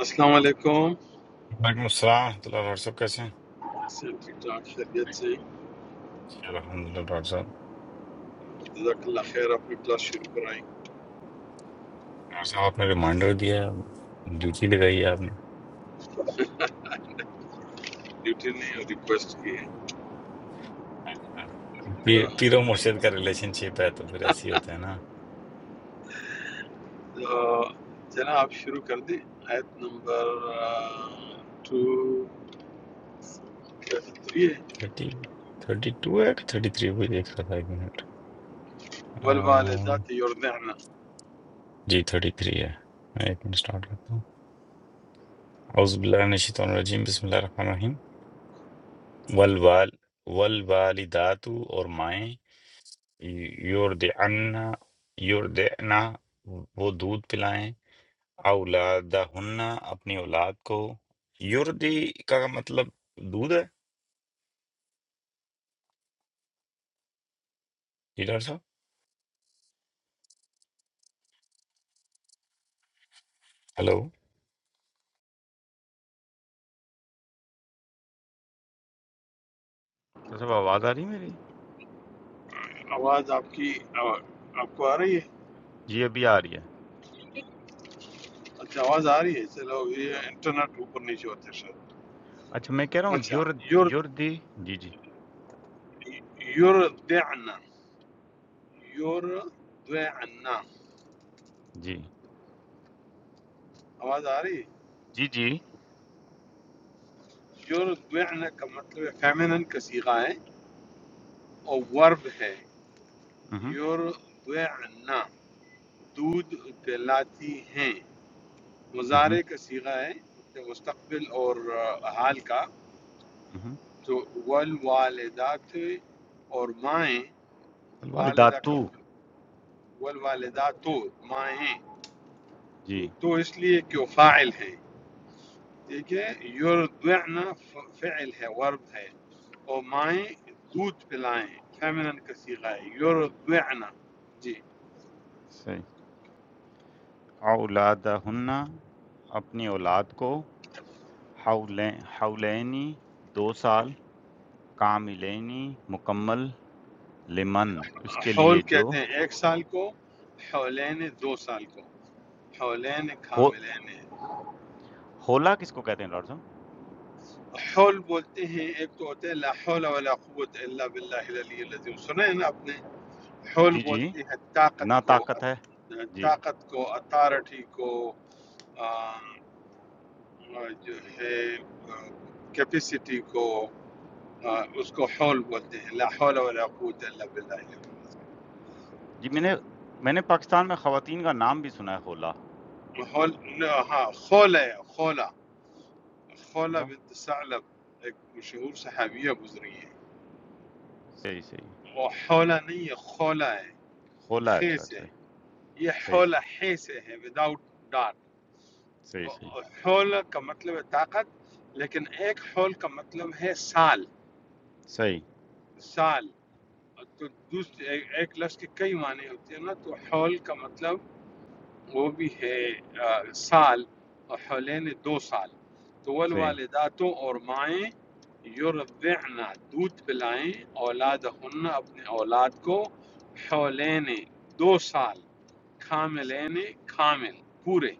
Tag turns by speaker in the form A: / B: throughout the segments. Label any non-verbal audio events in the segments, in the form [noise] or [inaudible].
A: السلام علیکم
B: وعلیکم السلام ورحمۃ اللہ ڈاکٹر صاحب کیسے ہیں
A: سے ٹھیک ٹھاک خیریت سے
B: جی، الحمد للہ ڈاکٹر صاحب
A: جزاک اللہ خیر اپنی کلاس شروع کرائیں
B: ڈاکٹر صاحب آپ نے ریمائنڈر دیا ہے ڈیوٹی لگائی ہے آپ نے
A: ڈیوٹی نے ریکویسٹ کی ہے
B: میں کہا، پی-
A: آ،
B: پیرو مرشد کا ریلیشن شپ ہے تو پھر ایسے ہی ہوتا ہے نا
A: آ، جناب آپ شروع کر دیں آیت نمبر ٹو تھری ہے
B: تھرٹی تھرٹی ٹو ہے کہ تھرٹی تھری وہ دیکھ رہا تھا ایک منٹ آ،
A: والوالدات یرضعن
B: جی تھرٹی تھری ہے میں ایک منٹ سٹارٹ کرتا ہوں اعوذ باللہ من الشیطان الرجیم بسم اللہ الرحمن الرحیم والوال والوالدات اور مائیں یوردعنا یوردعنا وہ دودھ پلائیں اولادہن اپنی اولاد کو یردی کا مطلب دودھ ہے جی ڈاکٹر صاحب ہلو ڈاکٹر صاحب آواز آ رہی ہے میری
A: آواز آپ کی آ، آپ کو آ رہی ہے
B: جی ابھی آ رہی ہے
A: اچھا آواز آ رہی ہے چلو یہ انٹرنیٹ اوپر نیچے ہوتا ہے شاید
B: اچھا میں کہہ رہا ہوں
A: اچھا
B: یرد
A: یور
B: یردی جی جی
A: یرضعن یرضعن
B: جی
A: آواز آ رہی ہے
B: جی جی
A: یوردویعنا کا مطلب ہے فیمنن کا صیغہ ہے اور ورب ہے
B: اہم،
A: یوردویعنا دودھ پلاتی ہیں
B: اہم،
A: مضارع کا صیغہ ہے مستقبل اور آ، حال کا
B: اہم۔
A: تو والوالدات اور مائیں والدہ
B: الوالداتو
A: کا والوالدات مائیں
B: جی
A: تو اس لیے کہ وہ فاعل ہیں ٹھیک ہے یرضعن ف- فعل ہے ورب ہے اور مائیں دودھ پلائیں فیمنن کا صیغہ ہے یرضعن جی
B: صحیح اولادہن اپنی اولاد کو حولین حولینی دو سال کاملینی مکمل لمن اس کے
A: حول
B: لیے جو
A: کہتے ہیں ایک سال کو حولین دو سال کو حولین
B: ہو
A: کاملین
B: ہولا کس کو کہتے ہیں ڈاکٹر صاحب؟
A: حول بولتے ہیں ایک تو ہوتے ہیں لا حول ولا قوت الا باللہ العلی العظیم سنے ہیں نا آپ نے حول
B: جی، جی،
A: بولتے ہیں طاقت
B: نا
A: کو
B: طاقت ہے، جی،
A: طاقت کو اتھارٹی کو آ، جو ہے کیپیسٹی کو ہاں، اس کو حول بولتے ہیں لا حول ولا قوت الا باللہ الی العلی۔
B: جی میں نے میں نے پاکستان میں خواتین کا نام بھی سنا ہے خولا،
A: حول لا، ہاں خولہ ہے خولہ خولہ
B: خولا؟
A: بنت ثعلب ایک مشہور صحابیہ گزری ہے
B: صحیح، صحیح،
A: وہ حولہ نہیں ہے خولہ ہے
B: خولا
A: خے
B: اچھا،
A: سے
B: اچھا۔
A: ہے۔ یہ
B: صحیح،
A: حولہ
B: صحیح،
A: حے سے ہے وداؤٹ ڈاٹ
B: صحیح،
A: تو
B: صحیح،
A: حولہ کا مطلب ہے طاقت لیکن ایک حول کا مطلب ہے سال
B: صحیح،
A: سال تو دوسرے ایک ایک لفظ کے کئی معنی ہوتے ہیں نا تو حول کا مطلب وہ بھی ہے آ، سال اور حولین دو سال تو
B: صحیح،
A: والوالداتوں اور مائیں یرضعن دودھ پلائیں اولادہن اپنے اولاد کو حولین دو سال کاملین کامل پورے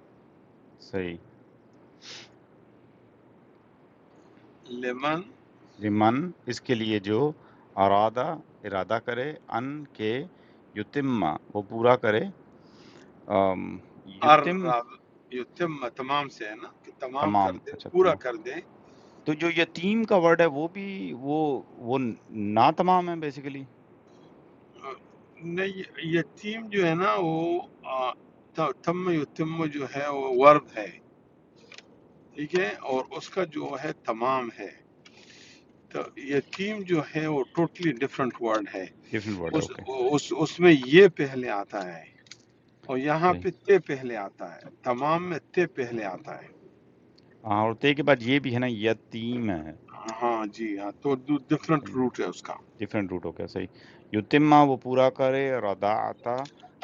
B: صحیح،
A: لمن
B: لمن اس کے لیے جو ارادہ ارادہ کرے ان کے یتم وہ پورا کرے ام، یتم
A: ارب یتم تمام سے ہے نا کہ تمام کر
B: تمام
A: دیں
B: اچھا
A: پورا
B: تمام
A: کر دیں
B: تو جو یتیم کا ورڈ ہے وہ بھی وہ وہ نا تمام ہے بیسیکلی
A: آ، نہیں یتیم جو ہے نا وہ آ، ت- تم یتم جو ہے وہ ورد ہے ٹھیک ہے اور اس کا جو ہے تمام ہے تو یتیم جو ہے وہ ٹوٹلی ڈفرینٹ ورڈ ہے
B: ڈیفرنٹ ورڈ ہے
A: اس,
B: اوکے
A: اس اس میں یہ پہلے آتا ہے اور یہاں
B: صحیح
A: پہ تے پہلے آتا ہے تمام میں تے پہلے آتا ہے
B: ہاں اور تے کے بعد یہ بھی ہے نا یتیم ہے
A: ہاں جی ہاں تو ڈفرینٹ روٹ ہے اس کا
B: ڈیفرنٹ روٹ ہو گیا صحیح یتیمہ وہ پورا کرے رضاعتا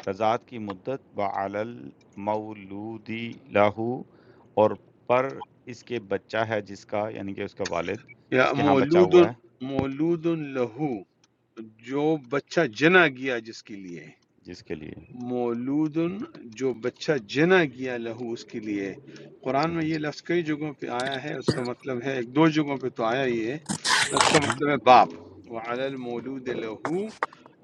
B: رضاعت کی مدت بعل المولودی لہو اور پر اس کے بچہ ہے جس کا یعنی کہ اس کا والد
A: یا
B: جس کے ہاں بچہ
A: مولود
B: ہوا ہے
A: مولود لہو جو بچہ جنا گیا جس کے لیے
B: جس کے لیے
A: مولود جو بچہ جنا گیا لہو اس کے لیے قرآن میں
B: صحیح
A: یہ لفظ کئی جگہوں پہ آیا ہے اس کا مطلب ہے ایک دو جگہوں پہ تو آیا ہی ہے اس کا
B: مہم،
A: مطلب ہے باپ وعلی المولود لہو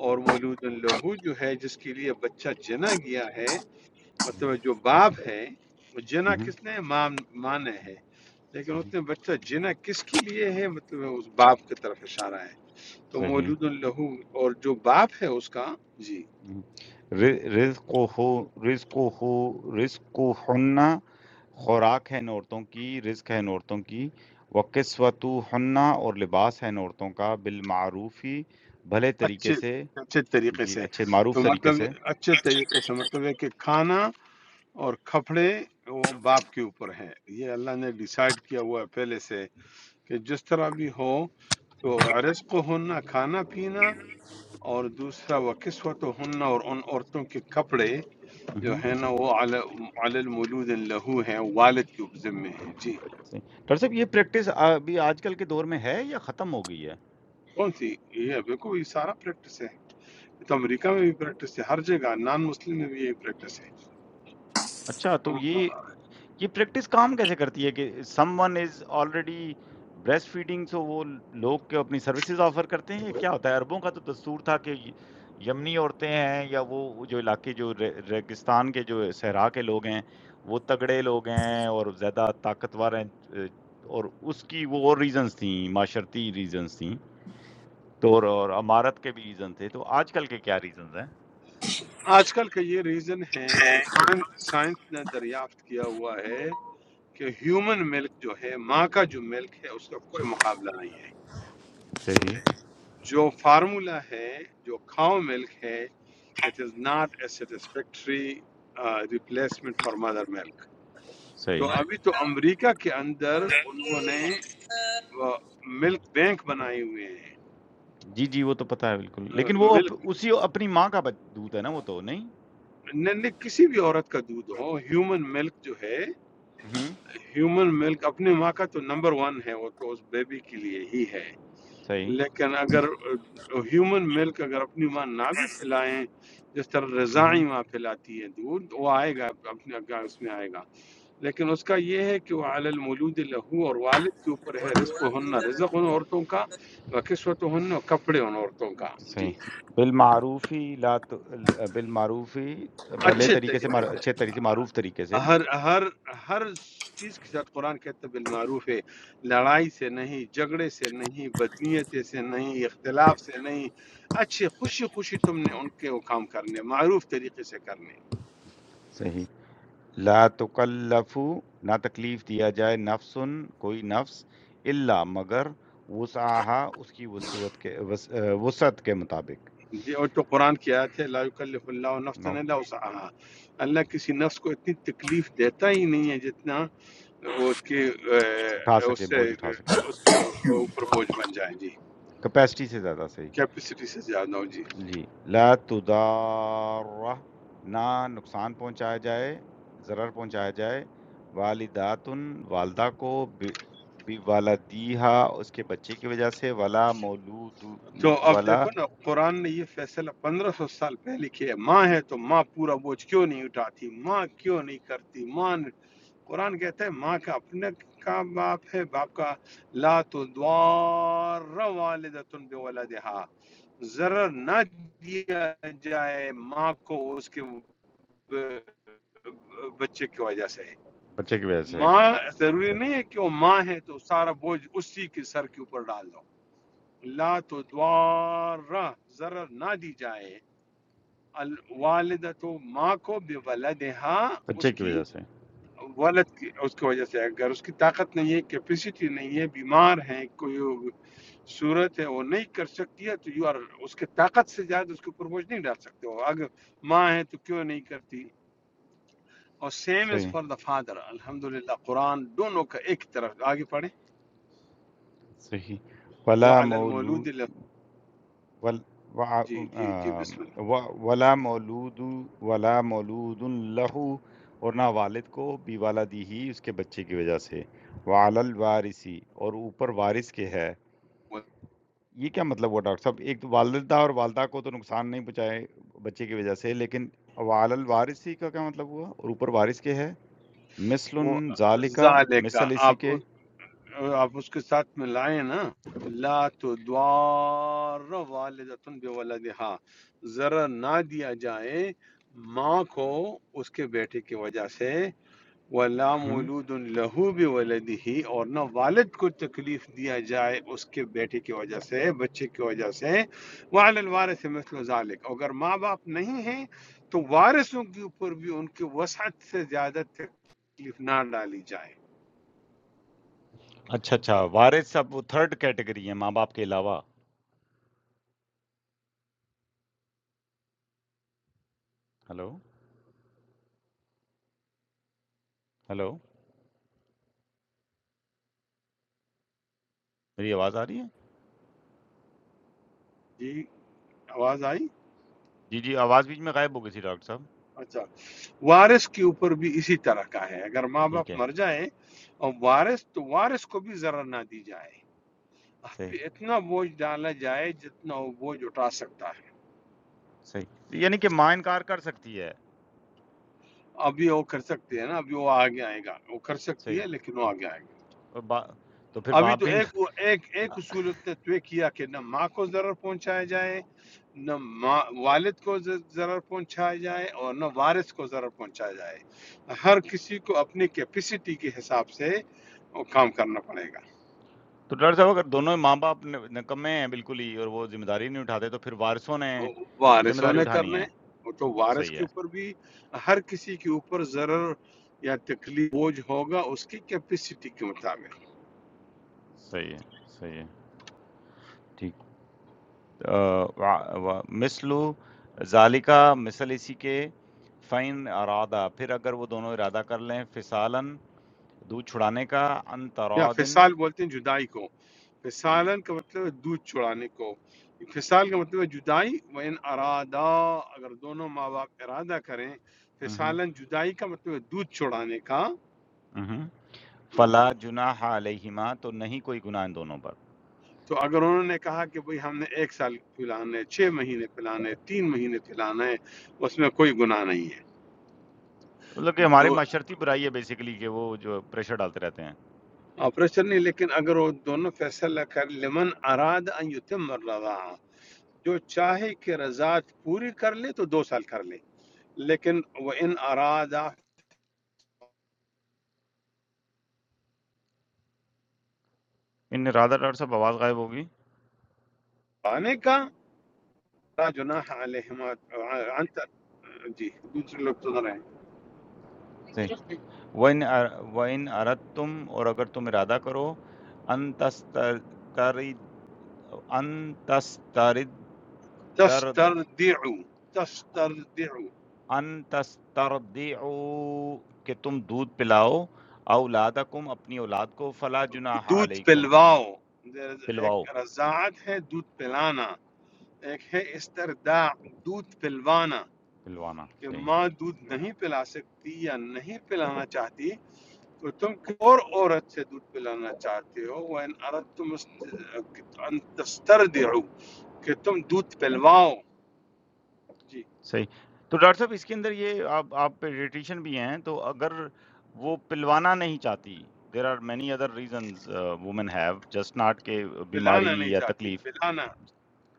A: اور مولود لہو جو ہے جس کے لیے بچہ جنا گیا ہے
B: صحیح
A: مطلب ہے جو باپ ہے وہ جنا
B: مہم،
A: کس نے ماں ماں نے ہے لیکن
B: صحیح
A: اس نے بچہ جنا کس کے لیے ہے مطلب ہے اس باپ کی طرف اشارہ ہے تو
B: صحیح
A: مولود لہو اور جو باپ ہے اس کا جی
B: ہوں۔ رز- رزق ہو رزق ہو رزق ہننا خوراک ہے ان عورتوں کی رزق ہے ان عورتوں کی وقسوت ہننا اور لباس ہے ان عورتوں کا بالمعروف ہی بھلے طریقے
A: اچھے
B: سے
A: اچھے طریقے
B: جی
A: سے
B: اچھے
A: تو
B: معروف طریقے
A: مطلب
B: سے
A: اچھے طریقے سے
C: ہیں
A: مطلب ہے کہ کھانا اور کپڑے وہ باپ کے اوپر ہیں یہ اللہ نے ڈیسائیڈ کیا ہوا ہے پہلے سے کہ جس طرح بھی ہو تو
B: مہم،
A: رزق ہونا کھانا پینا اور دوسرا وہ قسمت ہونا اور ان عورتوں کے کپڑے جو
B: مہم،
A: ہے نا وہ علی علی المولود لہو ہیں والد کے اوپر ذمے ہیں جی
B: صحیح۔ ڈاکٹر صاحب یہ پریکٹس ابھی آج کل کے دور میں ہے یا ختم ہو گئی ہے
A: کون سی یہ بالکل یہ سارا پریکٹس ہے یہ تو امریکہ میں بھی پریکٹس ہے ہر جگہ نان مسلم میں بھی یہی پریکٹس
B: اچھا تو
A: ہے
B: یہ یہ پریکٹس کام کیسے کرتی ہے کہ someone is already breast feeding so وہ لوگ کے اپنی سروسز آفر کرتے ہیں یا کیا ہوتا ہے عربوں کا تو دستور تھا کہ ی- یمنی عورتیں ہیں یا وہ جو علاقے جو ری- ریگستان کے جو صحرا کے لوگ ہیں وہ تگڑے لوگ ہیں اور زیادہ طاقتور ہیں اے، اور اس کی وہ اور ریزنز تھیں معاشرتی ریزنز تھیں تو اور اور امارت کے بھی ریزن تھے تو آج کل کے کیا ریزنز ہیں
A: آج کل کا یہ ریزن ہے کہ سائنس سائنس نے دریافت کیا ہوا ہے کہ ہیومن ملک جو ہے ماں کا جو ملک ہے اس کا کوئی مقابلہ نہیں ہے
B: صحیح
A: جو فارمولا ہے جو کھاؤ ملک ہے it is not a satisfactory replacement for mother milk
B: صحیح
A: تو ابھی
C: السلام
A: تو امریکہ کے اندر انہوں نے ملک بینک بنائے ہوئے ہیں
B: جی، جی، وہ تو پتہ ہے بالکل، لیکن وہ اپ
A: ملک
B: اسی اپنی ماں کا بچ دودھ ہے نا وہ تو نہیں؟
A: کسی بھی عورت کا دودھ ہو ہیومن ملک جو ہے
B: اہم،
A: ہیومن ملک اپنی ماں کا تو نمبر ون ہے وہ تو اس بیبی کے لیے ہی ہے
B: صحیح،
A: لیکن اگر ہیومن ملک اگر اپنی ماں نہ بھی پلائیں جس طرح
B: اہم،
A: رضاعی ماں پلاتی ہے دودھ وہ آئے گا اپنے اگا- اس میں آئے گا لیکن اس کا یہ ہے کہ وہ علی المولود لہو اور والد کے اوپر ہے رزق ہن رزق ان عورتوں کا و قسمت ہن کپڑے ان عورتوں کا
B: صحیح،
A: جی
B: بالمعروف ہی لا ت ال بالمعروف ہی بھلے
A: اچھے
B: طریقے سے مار
A: طریقے سے
B: اچھے طریقے سے معروف طریقے سے،
A: ہر ہر ہر چیز کے ساتھ قرآن کہتا ہے بالمعروف ہے لڑائی سے نہیں جھگڑے سے نہیں بدنیتی سے نہیں اختلاف سے نہیں اچھے خوشی خوشی تم نے ان کے وہ کام کرنے معروف طریقے سے کرنے
B: صحیح، لا تُکَلَّفُ نہ تکلیف دیا جائے نفسٌ کوئی نفس الا مگر وسعہا اس کی وسعت کے وس وسعت کے مطابق،
A: جی اور تو قرآن کی آیت ہے لا یکلف اللہ نفسا
B: نو
A: الا وسعها اللہ کسی نفس کو اتنی تکلیف دیتا ہی نہیں ہے جتنا وہ اس کے اے،
B: اٹھا سکے،
A: اس سے
B: بوجھ اٹھا سکے،
A: اس کے اوپر بوجھ بن جائیں جی
B: کیپیسٹی سے زیادہ صحیح۔
A: کیپیسٹی سے زیادہ ہو جی
B: جی لا تُضَارَّ نہ نقصان پہنچایا جائے، ضرر پہنچایا جائے، والداتٌ والدہ کو ب بِوَلَدِہَا اس کے بچے کی وجہ سے ولا مولود م
A: تو اب
B: ولا
A: دیکھو نا قرآن نے یہ فیصلہ پندرہ سو سال پہلے کیا ہے ماں ہے تو ماں پورا بوجھ کیوں نہیں اٹھاتی ماں کیوں نہیں کرتی ماں نے- قرآن کہتا ہے ماں کا اپنے کا باپ ہے باپ کا لا تدوار والدتن بولدہا ضرر نہ دیا جائے ماں کو اس کے ب- بچے کی وجہ سے
B: بچے کی وجہ سے،
A: ماں ضروری نہیں ہے کہ وہ ماں ہے تو سارا بوجھ اسی کے سر کے اوپر ڈال دو لا تو دوارا ضرر نہ دی جائے الوالدہ تو ماں کو بے ولدہا،
B: بچے
A: اس
B: کی
A: کی
B: وجہ سے،
A: ولد کی اس کی وجہ سے اگر اس کی طاقت نہیں ہے کیپیسٹی نہیں ہے بیمار ہیں کوئی صورت ہے وہ نہیں کر سکتی ہے تو یو آر اس کے طاقت سے زیادہ اس کے اوپر بوجھ نہیں ڈال سکتے ہو اگر ماں ہے تو کیوں نہیں کرتی اور سیم از
B: صحیح،
A: فار دا فادر الحمدللہ قرآن دونوں کا ایک طرف آگے پڑھیں
B: صحیح،
A: وہ
B: ولا مولو
A: المولود له-
B: ول وع-
A: جی جی جی
B: آم،
A: بسم اللہ
B: و- ولا مولود ولا مولود لہ اور نہ والد کو بی والدی ہی اس کے بچے کی وجہ سے وعلی الوارثی اور اوپر وارث کے ہے یہ کیا مطلب ہوا ڈاکٹر صاحب ایک تو والدہ اور والدہ کو تو نقصان نہیں پہنچائے بچے کی وجہ سے لیکن وعلی الوارثی کا کیا مطلب ہوا اور اوپر وارث کے ہے مثل
A: وہ
B: ذالکا
A: ذالک
B: مثل اسی
A: آپ
B: کے
A: آپ اس کے ساتھ ملائیں نا لا تدوار والدتن بولدہا ذرا نہ دیا جائے ماں کو اس کے بیٹے کی وجہ سے ولا
B: ہم
A: مولود لہو بولدی ہی اور نہ والد کو تکلیف دیا جائے اس کے بیٹے کی وجہ سے بچے کی وجہ سے وعلی الوارث مثل ذالک اگر ماں باپ نہیں ہیں تو وارثوں کے اوپر بھی ان کی وسعت سے زیادہ تکلیف نہ ڈالی جائے
B: اچھا اچھا وارث اب وہ تھرڈ کیٹیگری ہے ماں باپ کے علاوہ ہلو ہلو میری آواز آ رہی ہے
A: جی آواز آئی
B: جی، جی، آواز بیچ میں غائب ہو گئی تھی ڈاکٹر صاحب،
A: اچھا وارث کے اوپر بھی اسی طرح کا ہے اگر ماں باپ
B: ٹھیک ہے،
A: مر جائیں اور وارث تو وارث کو بھی ضرر نہ دی جائے آپ
B: صحیح،
A: پہ اتنا بوجھ ڈالا جائے جتنا وہ بوجھ اٹھا سکتا ہے
B: صحیح۔ یعنی کہ ماں انکار کر سکتی ہے،
A: ابھی وہ کر سکتی ہے نا ابھی وہ آگے آئے گا وہ کر سکتی
B: صحیح،
A: ہے لیکن وہ آگے آئے گا
B: اور با تو پھر
A: ابھی
B: باپ
A: تو
B: بھی
A: ایک
B: انکار
A: وہ ایک ایک اصول اس نے طے کیا کہ نہ ماں کو ضرر پہنچایا جائے نہ ماں والد کو ز- ضرر پہنچایا جائے اور نہ وارث کو ضرر پہنچایا جائے ہر کسی کو اپنی کیپیسٹی کے حساب سے وہ کام کرنا پڑے گا
B: تو ڈاکٹر صاحب اگر دونوں ماں باپ ن- نکمے ہیں بالکل ہی اور وہ ذمہ داری نہیں اٹھاتے تو پھر وارثوں نے
A: وہ
B: ذمہ
A: وارثوں
B: داری
A: نے
B: اٹھانی
A: کرنے
B: ہے،
A: وہ تو وارث
B: صحیح
A: کے
B: ہے،
A: اوپر بھی ہر کسی کے اوپر ضرر یا تکلیف بوجھ ہوگا اس کی کیپیسٹی کے مطابق
B: صحیح ہے، صحیح ہے، ٹھیک۔ آ، وا- وا- مثلو ذالکا مثل اسی کے فین ارادہ پھر اگر وہ دونوں ارادہ کر لیں فسالن دودھ چھڑانے کا ان
A: یا
B: ترادن
A: فصال بولتے ہیں جدائی کو
B: جی
A: فصالن کا مطلب ہے دودھ چڑانے کو فصال کا مطلب ہے جدائی و ان ارادہ اگر دونوں ماں باپ ارادہ کریں فصالن جدائی کا مطلب ہے دودھ چڑانے کا
B: ہوں
A: ہاں۔
B: فلا جناح علیہما تو نہیں کوئی گناہ ان دونوں پر
A: تو اگر انہوں نے کہا کہ بھئی ہم نے ایک سال پلانا ہے چھ مہینے پلانا ہے تین مہینے پلانا ہے اس میں کوئی گناہ نہیں
B: مطلب کہ
A: ہے
B: ہمارے
A: دو
B: معاشرتی برائی ہے بیسیکلی کہ وہ جو پریشر ڈالتے رہتے ہیں
A: آپریشن نہیں لیکن اگر وہ دونوں فیصلہ کر لمن اراد ان یتم الرضاعہ جو چاہے کہ رضاعت پوری کر لے تو دو سال کر لے لكن وإن أرادا
B: ان ارادہ ڈاکٹر صاحب آواز غائب ہوگی
A: أنك تجناح عليهم أن تجيه
B: صحیح وَإِنْ أَر- وَإِنْ أَرَدْتُمْ اور اگر تم ارادہ کرو ان تسترد ان تسترد تر-
A: تصدر دعو تصدر دعو
B: ان تسترضعوا کہ تم دودھ پلاؤ اولادکم اپنی اولاد کو فلا جناح
A: دود
B: علیکم
A: بلفاو در
B: پلواؤ
A: رزعته دود بلانا إيه استرداء دود بلفانا
B: پلوانا
A: كم
B: صحیح
A: ما دود نهيه بيلاسكتي يا نهيه بيلانا جاتي تو توم كور امرأة سدود بيلانا جاتي هو وإن أراد توم أن تصدر دعو كتوم دود بلفاو جی
B: صحیح۔ تو ڈاکٹر صاحب اس کے اندر یہ آپ آپ پیڈیٹیشین بھی ہیں تو اگر وہ پلوانا نہیں چاہتی there are many other reasons women have just not کہ بیماری
A: پلانا نہیں
B: یا
A: چاہتی
B: تکلیف
A: پلانا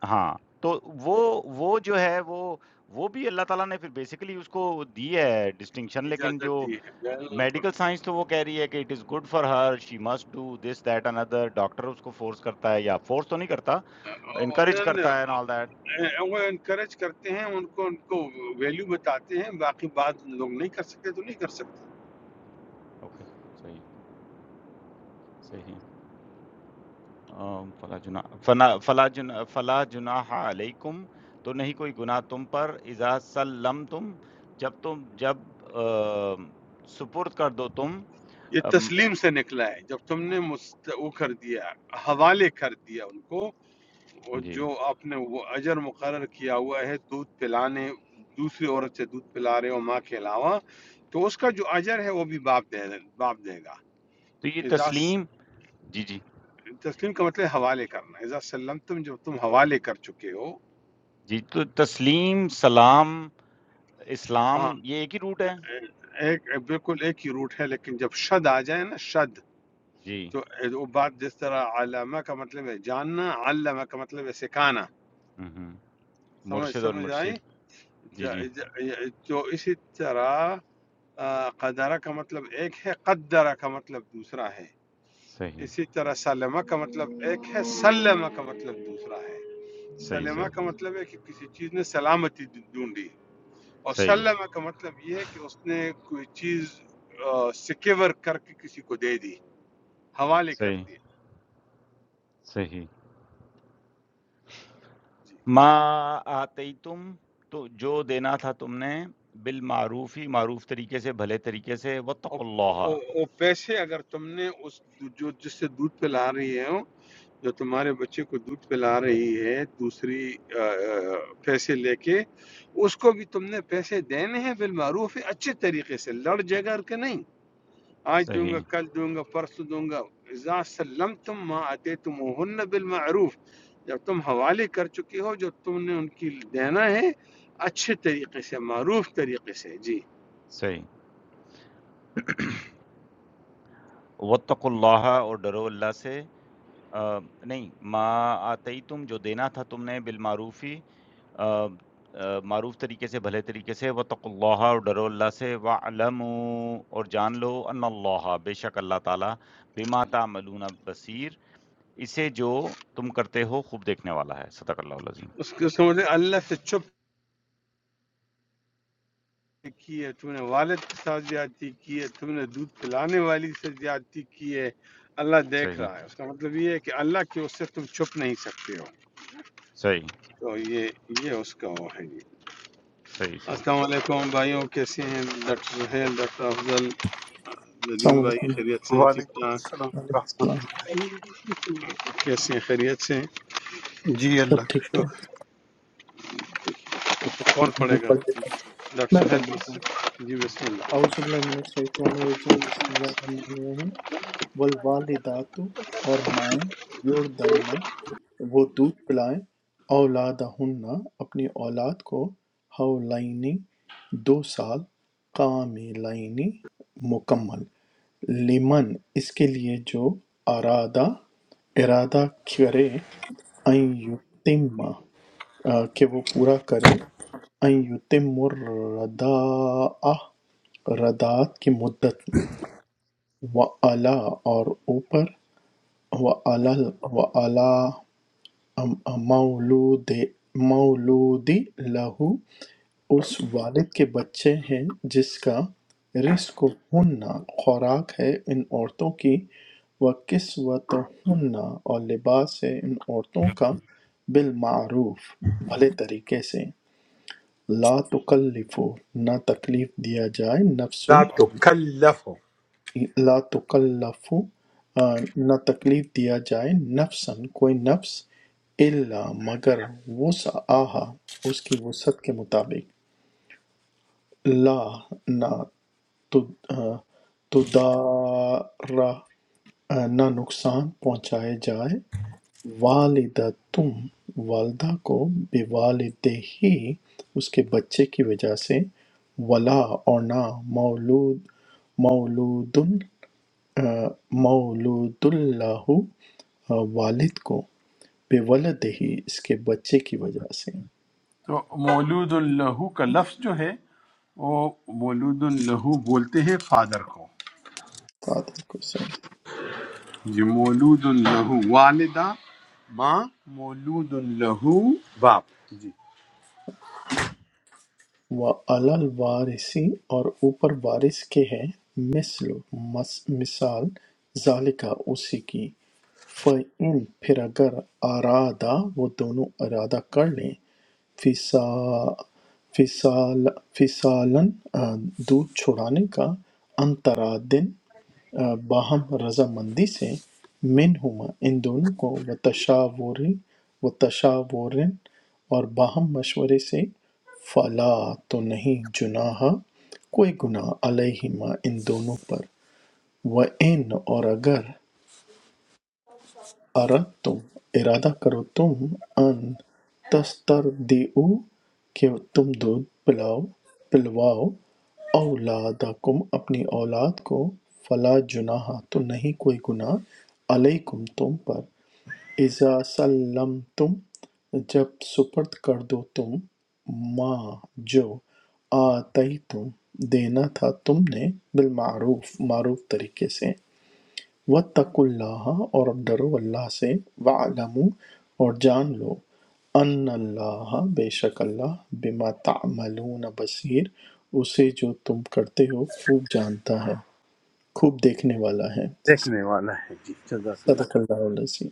B: ہاں تو وہ وہ جو ہے وہ وہ بھی اللہ تعالیٰ نے پھر بیسیکلی اس کو دی ہے ڈسٹنکشن لیکن
A: اجازت
B: جو
A: دی ہے بالکل
B: میڈیکل سائنس تو وہ کہہ رہی ہے کہ it is good for her she must do this that اندر ڈاکٹر اس کو فورس کرتا ہے یا فورس تو نہیں کرتا انکریج کرتا ہے اینڈ آل دیٹ
A: وہ انکریج کرتے ہیں ان کو ان کو ویلیو بتاتے ہیں باقی بات لوگ نہیں کر سکتے تو نہیں کر سکتے
B: اوکے صحیح صحیح آم، فلا جنا فنا فلا جنا فلا جناح علیکم تو نہیں کوئی گناہ تم پر اذا سلمتم جب تم جب آم، سپرد کر دو تم
A: یہ
B: آم،
A: تسلیم سے نکلا ہے جب تم نے مست... وہ کر دیا حوالے کر دیا ان کو وہ
B: جی
A: جو آپ نے وہ اجر مقرر کیا ہوا ہے دودھ پلانے دوسری عورت سے دودھ پلا رہے ہو ماں کے علاوہ تو اس کا جو اجر ہے وہ بھی باپ دے باپ دے گا
B: تو یہ
A: اذا
B: تسلیم جی جی
A: تسلیم کا مطلب ہے حوالے کرنا اذا سلم تم جب تم حوالے کر چکے ہو
B: جی تو تسلیم سلام
A: ہاں
B: اسلام یہ ایک ہی روٹ ہے
A: ایک بالکل ایک ہی روٹ ہے لیکن جب شد آ جائے نا شد
B: جی
A: تو وہ بات جس طرح علامہ کا مطلب ہے جاننا علامہ کا مطلب ہے سکھانا
B: ہوں
A: سمجھ
B: مرشد اور
A: سمجھ آئی
B: مرشد جی جی
A: تو اسی طرح آ، قدرہ کا مطلب ایک ہے قدرہ کا مطلب دوسرا ہے
B: صحیح
A: اسی طرح سلمہ کا مطلب ایک ہے سلمہ کا مطلب دوسرا ہے
B: صحیح
A: سلمہ
B: صحیح
A: کا مطلب ہے کہ کسی چیز نے سلامتی ڈھونڈی اور
B: صحیح
A: سلم کا مطلب یہ ہے کہ اس نے کوئی چیز سکیور کر کے کسی کو دے دی حوالے کر
B: صحیح
A: دی
B: صحیح
A: جی
B: ما آتیتم تو جو دینا تھا تم نے بالمعروفی معروف طریقے سے بھلے طریقے سے
A: اور
B: وتق اللہ
A: اور- اور پیسے اگر تم نے اس جو جس سے دودھ پلا رہی ہے جو تمہارے بچے کو دودھ پلا رہی ہے دوسری آ، آ، پیسے لے کے اس کو بھی تم نے پیسے دینے ہیں بالمعروف اچھے طریقے سے لڑ جگر کے نہیں آج دوں
B: صحیح
A: گا کل دوں گا پرسوں دوں گا اذا سلم تم ماں آتے تم بالمعروف جب تم حوالے کر چکے ہو جو تم نے ان کی دینا ہے اچھے طریقے سے معروف طریقے سے جی
B: صحیح وتق اللہ اور ڈرو اللہ سے آ، نہیں ما آتیتم جو دینا تھا تم نے بالمعروفی آ، آ، معروف طریقے سے بھلے طریقے سے وتق اللہ اور ڈرو اللہ سے وعلموا اور جان لو ان اللہ بے شک اللہ تعالی بما تعملون بصیر اسے جو تم کرتے ہو خوب دیکھنے والا ہے صدق اللہ العظیم
A: اس کے سمجھے اللہ سے چپ کی ہے تم نے والد کے ساتھ زیادتی کی ہے تم نے دودھ پلانے والی سے زیادتی کی ہے اللہ دیکھ
B: صحیح
A: رہا ہے اس کا مطلب یہ ہے کہ اللہ کی اس سے تم چھپ نہیں سکتے ہو
B: صحیح
A: تو یہ یہ اس کا وہ ہے جی
B: صحیح صحیح
A: السلام علیکم بھائیوں کیسے ہیں ڈاکٹر سہیل ڈاکٹر افضل ندیم بھائی
C: علیکم ورحمۃ
A: خیریت سے ہیں ٹھیک
D: وعلیکم
A: ٹھاک
D: السلام ورحمۃ
C: اللہ
D: اللہ وبرکاتہ
A: کیسے ہیں خیریت سے ہیں
D: جی
C: سب
D: اللہ کا-
A: تو- تو کون
C: میں
A: پڑھے گا
C: پڑھ لیتا ہوں
A: ڈاکٹر
C: میں
A: صاحب
C: پڑھ
A: ہیلپ
C: لیتا ہوں
A: اس جی بسم اللہ
C: اعوذ باللہ من الشیطان الرجیم بسم اللہ الرحمن الرحیم والوالدات اور مائیں یردائنا وہ دودھ پلائیں اولادہن اپنی اولاد کو حولینی دو سال کاملینی مکمل لمن اس کے لیے جو ارادہ ارادہ کرے ان یتم کہ وہ پورا کرے ان یتم الرداء ردات کی مدت میں وعلا اور اوپر وعلا وعلا مولود مولود لہو اس والد کے بچے ہیں جس کا رزقُہن خوراک ہے ان عورتوں کی و کسوتہن اور لباس ہے ان عورتوں کا بالمعروف بھلے طریقے سے لا تکلف نہ تکلیف دیا جائے نفس
A: لا تکلف
C: لا تکلف آ، نہ تکلیف دیا جائے نفسن کوئی نفس الا مگر وسعہ اس کی وسعت کے مطابق لا نہ تو آ، تو دارا آ، نہ نقصان پہنچائے جائے والدتم والدہ کو بے والدہ ہی اس کے بچے کی وجہ سے ولا اور نہ مولود مولود مولود اللہ آ، والد کو بے ولد ہی اس کے بچے کی وجہ سے
A: فادر کو
C: فادر کو صحیح
A: جی مولود لہو والدہ ماں مولود لہو باپ
C: وَعَلَى الْوَارِثِ اور اوپر وارث کے ہے مِثْلُ مثال ذَلِکَ اسی کی فَإِنْ پھر اگر ارادہ وہ دونوں ارادہ کر لیں فِصَا- فِصَال- فِصَالًا آ، دودھ چھڑانے کا انترادن آ، باہم رضامندی سے منہما ان دونوں کو وتشاور وتشاور اور باہم مشورے سے فلا تو نہیں جناح کوئی گناہ علیہما ان دونوں پر و ان اور اگر اَرَدتُم ارادہ کرو تم ان تسترضعوا کہ تم دودھ پلاؤ پلواؤ اولادکم اپنی اولاد کو فلا جناح تو نہیں کوئی گناہ علیکم تم پر اذا سلمتم جب سپرد کر دو تم ما جو آتیتم دینا تھا تم نے بالمعروف معروف طریقے سے وَاتَّقُوا اللَّهَ اور ڈرو اللہ سے وَاعْلَمُوا اور جان لو ان اللہ بے شک اللہ بما تعملون بصیر اسے جو تم کرتے ہو خوب جانتا ہے خوب دیکھنے والا ہے
A: نے والا ہے جزاک اللہ
C: صدق اللہ علیہ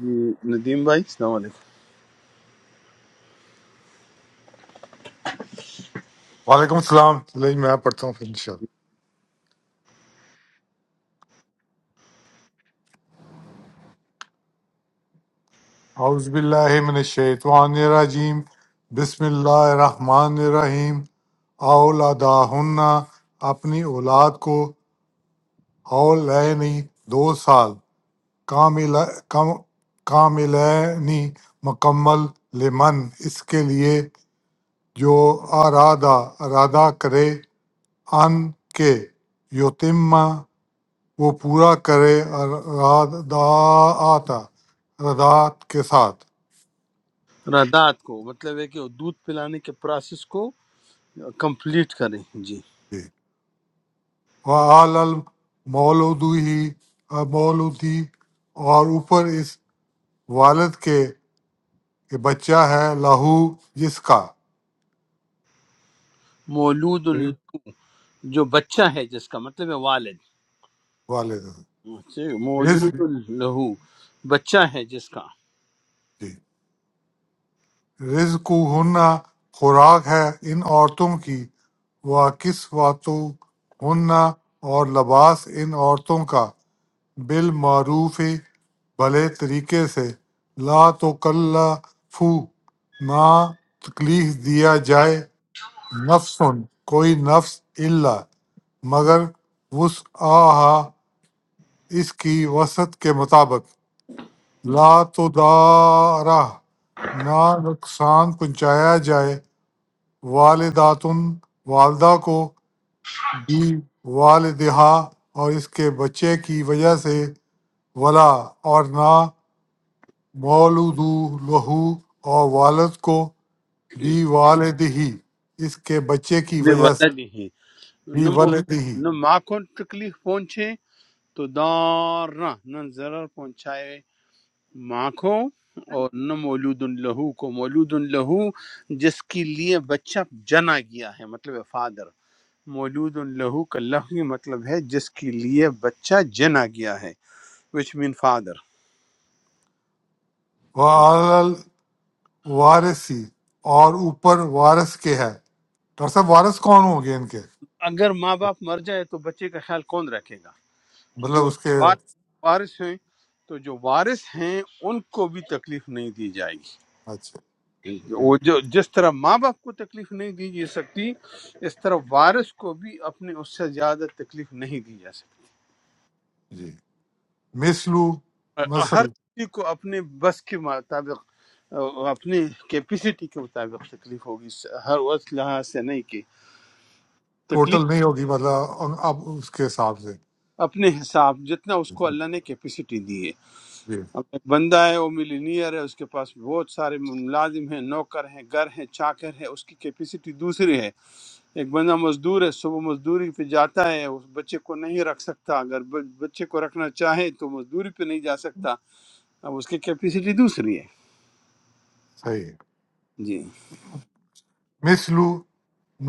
A: جی ندیم بھائی السلام علیکم
E: وعلیکم السلام نہیں میں پڑھتا ہوں پھر انشاءاللہ اعوذ باللہ من الشیطان الرجیم بسم اللہ الرحمن الرحیم اولاداہن اپنی اولاد کو اولینی دو سال کامل کم- کاملینی مکمل لمن اس کے لیے جو ارادہ ارادہ کرے ان کے یتیم وہ پورا کرے رضاعت رضاعت کے ساتھ
A: رادات کو مطلب ہے کہ وہ دودھ پلانے کے پروسیس کو کمپلیٹ کریں جی
E: جی وعال المولود ہی مولودی اور اوپر اس والد کے کہ بچہ ہے لہو جس کا
A: مولود
E: جی،
A: ال- جو بچہ ہے جس کا مطلب ہے والد
E: والد ہے۔
A: اچھا،
E: رزق
A: مولود لہو بچہ ہے جس کا
E: جی رزق ہن خوراک ہے ان عورتوں کی وہ کس واتو ہن اور لباس ان عورتوں کا بالمعروف بھلے طریقے سے لا تو نہ تکلیف دیا جائے نفس کوئی نفس الا مگر وسعہا اس کی وسعت کے مطابق لا تو دارہ نہ نقصان پہنچایا جائے والداتن والدہ کو بھی والدہا اور اس کے بچے کی وجہ سے ولا اور نہ مولودو لہو اور والد کو بی والد ہی اس کے بچے کی
A: بے
E: وجہ سے
A: ولد ہے
E: بی
A: نہ مو-
E: والد ہی
A: نہ ماں کو تکلیف پہنچے تو دار نہ نہ ضرر پہنچائے ماں کو اور نہ مولود لہو کو مولود لہو جس کے لیے بچہ جنا گیا ہے مطلب فادر مولود لہو کا لہو یہ مطلب ہے جس کے لیے بچہ جنا گیا ہے وچ مین فادر
E: وارثی اور اوپر وارث کے ہے ڈاکٹر صاحب وارث کون ہوں گے ان کے
A: اگر ماں باپ مر جائے تو بچے کا خیال کون رکھے گا
E: مطلب
A: جو اس
E: اس کے
A: وارث وارث ہیں تو جو وارث ہیں ان کو بھی تکلیف نہیں دی جائے گی
E: اچھا ٹھیک،
A: وہ جو جس طرح ماں باپ کو تکلیف نہیں دی جا سکتی اس طرح وارث کو بھی اپنے اس سے زیادہ تکلیف نہیں دی جا
E: جی مثلو
A: سکتی ہر
E: مثل
A: کسی کو اپنے بس کے مطابق اپنے کیپیسٹی کے مطابق تکلیف ہوگی ہر اس لحاظ سے نہیں کہ تکلیف
E: ٹوٹل نہیں ہوگی مطلب اب اس کے حساب سے
A: اپنے حساب جتنا اس کو اللہ نے کیپیسٹی دی ہے
E: جی
A: اب ایک بندہ ہے وہ ملینئر ہے اس کے پاس بہت سارے ملازم ہیں نوکر ہیں گھر ہیں چاکر ہے اس کی کیپیسٹی دوسری ہے ایک بندہ مزدور ہے صبح مزدوری پہ جاتا ہے اس بچے کو نہیں رکھ سکتا اگر ب- بچے کو رکھنا چاہے تو مزدوری پہ نہیں جا سکتا اب اس کی کیپیسٹی دوسری ہے
E: صحیح ہے
A: جی
E: مثلو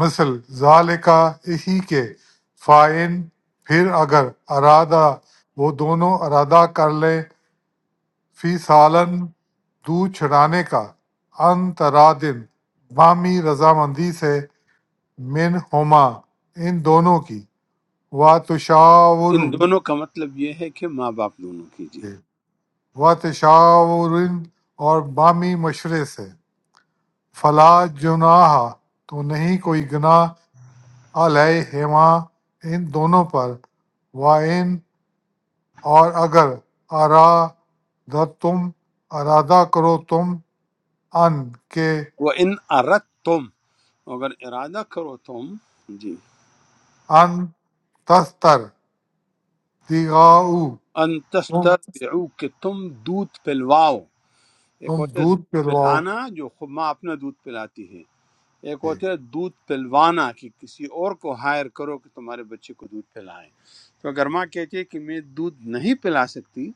E: مثل ذالکا اسی کے فائن پھر اگر ارادہ وہ دونوں ارادہ کر لیں فی سالن دو چھڑانے کا انترادن بامی رضامندی سے من ہوما ان دونوں کی و تشاورو
A: ان دونوں کا مطلب یہ ہے کہ ماں باپ دونوں کی جی
E: و تشاورن اور بامی مشورے سے فلا جناح تو نہیں کوئی گناہ علیہما ان دونوں پر وَإِنْ اور اگر ارادتم ارادہ کرو تم ان کے
A: وہ ان ارت تم اگر ارادہ کرو تم جی
E: ان تستر دیغاؤ
A: ان
E: تم
A: تسترضعوا کہ تم دودھ پلواؤ ایک
E: تم
A: ہوتا ہے دودھ
E: دودھ پلواؤ
A: پلانا جو خود ماں اپنا دودھ پلاتی ہے ایک
E: جی،
A: ہوتا ہے دودھ پلوانا کہ کسی اور کو ہائر کرو کہ تمہارے بچے کو دودھ پلائے تو اگر ماں کہتی ہے کہ میں دودھ نہیں پلا سکتی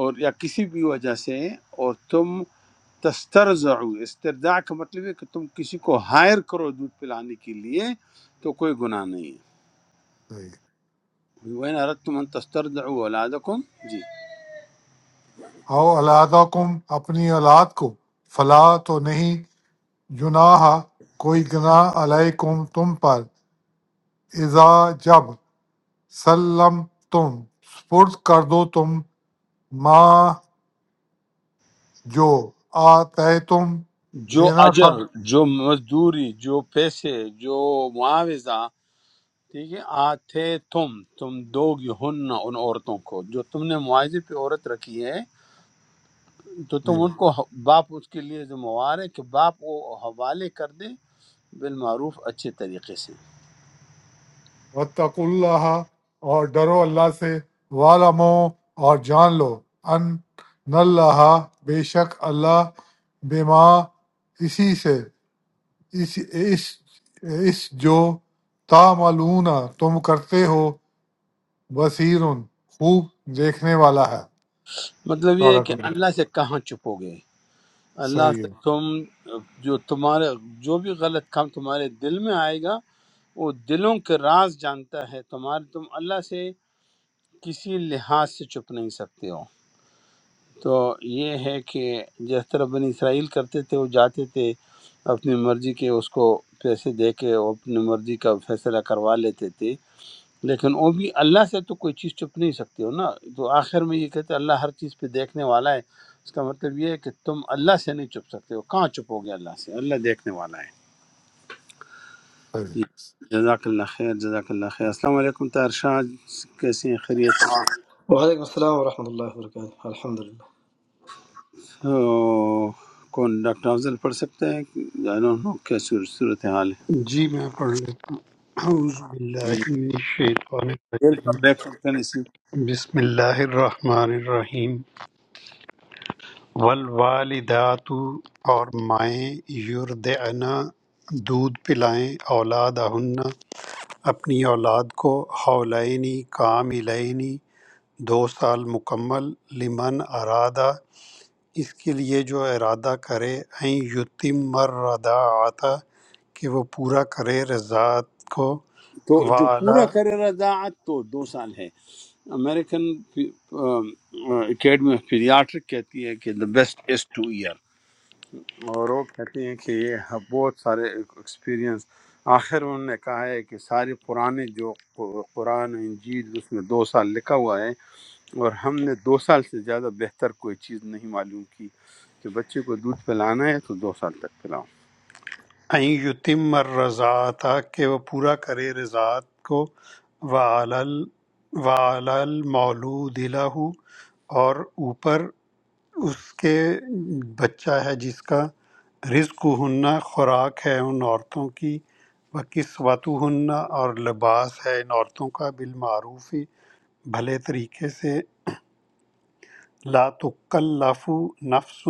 A: اور یا کسی بھی وجہ سے اور تم تسترزع استرزاع کا مطلب ہے کہ تم کسی کو ہائر کرو دودھ پلانے کے لیے تو کوئی گناہ نہیں ہے
E: صحیح۔
A: وَإِنْ أَرَدْتُمْ أَنْ تَسْتَرْضِعُوا أَوْلَادَكُمْ جی
E: او علادہ کم اپنی اولاد کو فلا تو نہیں جناح کوئی گناہ علیکم تم پر اذا جب سلم تم سپرد کر دو تم ماں جو آتے تم
A: جو
E: دینا تھا
A: اجر جو مزدوری جو پیسے جو معاوضہ ٹھیک ہے آتے تم تم دو ہن ان عورتوں کو جو تم نے معاوضے پہ عورت رکھی ہے تو
E: جی
A: تم ان کو باپ اس کے لیے ذمہوار ہے کہ باپ وہ حوالے کر دے بالمعروف اچھے طریقے سے
E: وَاتَّقُوا اللہ اور ڈرو اللہ سے والمو اور جان لو ان اللہ بے شک اللہ بما اسی سے اس اس اس جو تعملون تم کرتے ہو بصیر خوب دیکھنے والا ہے
A: مطلب یہ ہے
E: صدق
A: کہ
E: اللہ۔
A: اللہ سے کہاں چھپو گے اللہ
E: صحیح
A: سے
E: ہے
A: تم جو تمہارے جو بھی غلط کام تمہارے دل میں آئے گا وہ دلوں کے راز جانتا ہے تمہارے تم اللہ سے کسی لحاظ سے چھپ نہیں سکتے ہو تو یہ ہے کہ جس طرح بنی اسرائیل کرتے تھے وہ جاتے تھے اپنی مرضی کے اس کو پیسے دے کے وہ اپنی مرضی کا فیصلہ کروا لیتے تھے لیکن وہ بھی اللہ سے تو کوئی چیز چھپ نہیں سکتی ہو نا تو آخر میں یہ کہتے ہیں اللہ ہر چیز پہ دیکھنے والا ہے اس کا مطلب یہ ہے کہ تم اللہ سے نہیں چھپ سکتے ہو کہاں چھپو گے اللہ سے اللہ دیکھنے والا ہے
E: صحیح
A: جزاک اللہ خیر جزاک اللہ خیر السلام علیکم طاہر شاہ کیسے ہیں خیریت سے؟
F: وعلیکم السلام ورحمۃ اللہ وبرکاتہ الحمد للہ
A: تو کون ڈاکٹر افضل پڑھ سکتے ہیں I don't know کیا صورت حال ہے
D: جی میں پڑھ لیتا ہوں اعوذ
A: جی
D: باللہ من الشیطان
A: ڈیل
D: الرجیم
A: کم بیک فرام ٹینیسی
D: بسم اللہ الرحمن الرحیم والوالدات اور مائیں یردعنا دودھ پلائیں اولاد اپنی اولاد کو حولینی کاملینی دو سال مکمل لمن ارادہ اس کے لیے جو ارادہ کرے ان یتم الرداعت کہ وہ پورا کرے رضاعت کو
A: تو جو
D: وعلا
A: پورا کرے رضاعت تو دو سال ہے امریکن اکیڈمی آف پیڈیاٹرک کہتی ہے کہ the best is two year اور وہ کہتی ہیں کہ یہ ہب- بہت سارے ایکسپیرینس آخر انہوں نے کہا ہے کہ سارے پرانے جو قر- قرآن و انجیل اس میں دو سال لکھا ہوا ہے اور ہم نے دو سال سے زیادہ بہتر کوئی چیز نہیں معلوم کی کہ بچے کو دودھ پلانا ہے تو دو سال تک پلاؤ
D: ان یتم الرضاعت کہ وہ پورا کرے رضاعت کو وعلل وعلل مولود لہ اور اوپر اس کے بچہ ہے جس کا رزق ہننا خوراک ہے ان عورتوں کی وہ کسوتو ہننا اور لباس ہے ان عورتوں کا بالمعروف بھلے طریقے سے لا تکلف نفس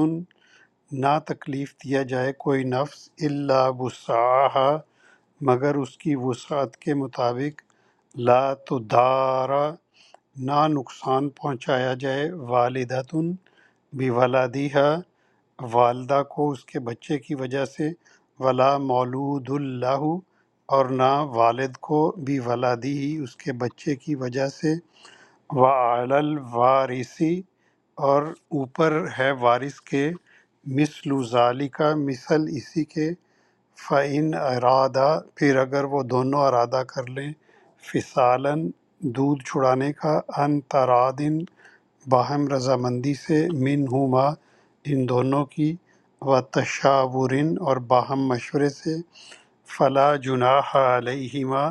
D: نہ تکلیف دیا جائے کوئی نفس الا وسعها مگر اس کی وسعت کے مطابق لا تدارا نہ نقصان پہنچایا جائے والدتن بھی ولادیہ والدہ کو اس کے بچے کی وجہ سے ولا مولود اللہ اور نہ والد کو بھی ولادی ہی اس کے بچے کی وجہ سے وعلی الوارثی اور اوپر ہے وارث کے مثل ذالکا مثل اسی کے فعن ارادہ پھر اگر وہ دونوں ارادہ کر لیں فسالن دودھ چھڑانے کا ان ترادن باہم رضامندی سے من ہما ان دونوں کی و تشاورن اور باہم مشورے سے فلا جناح علیہما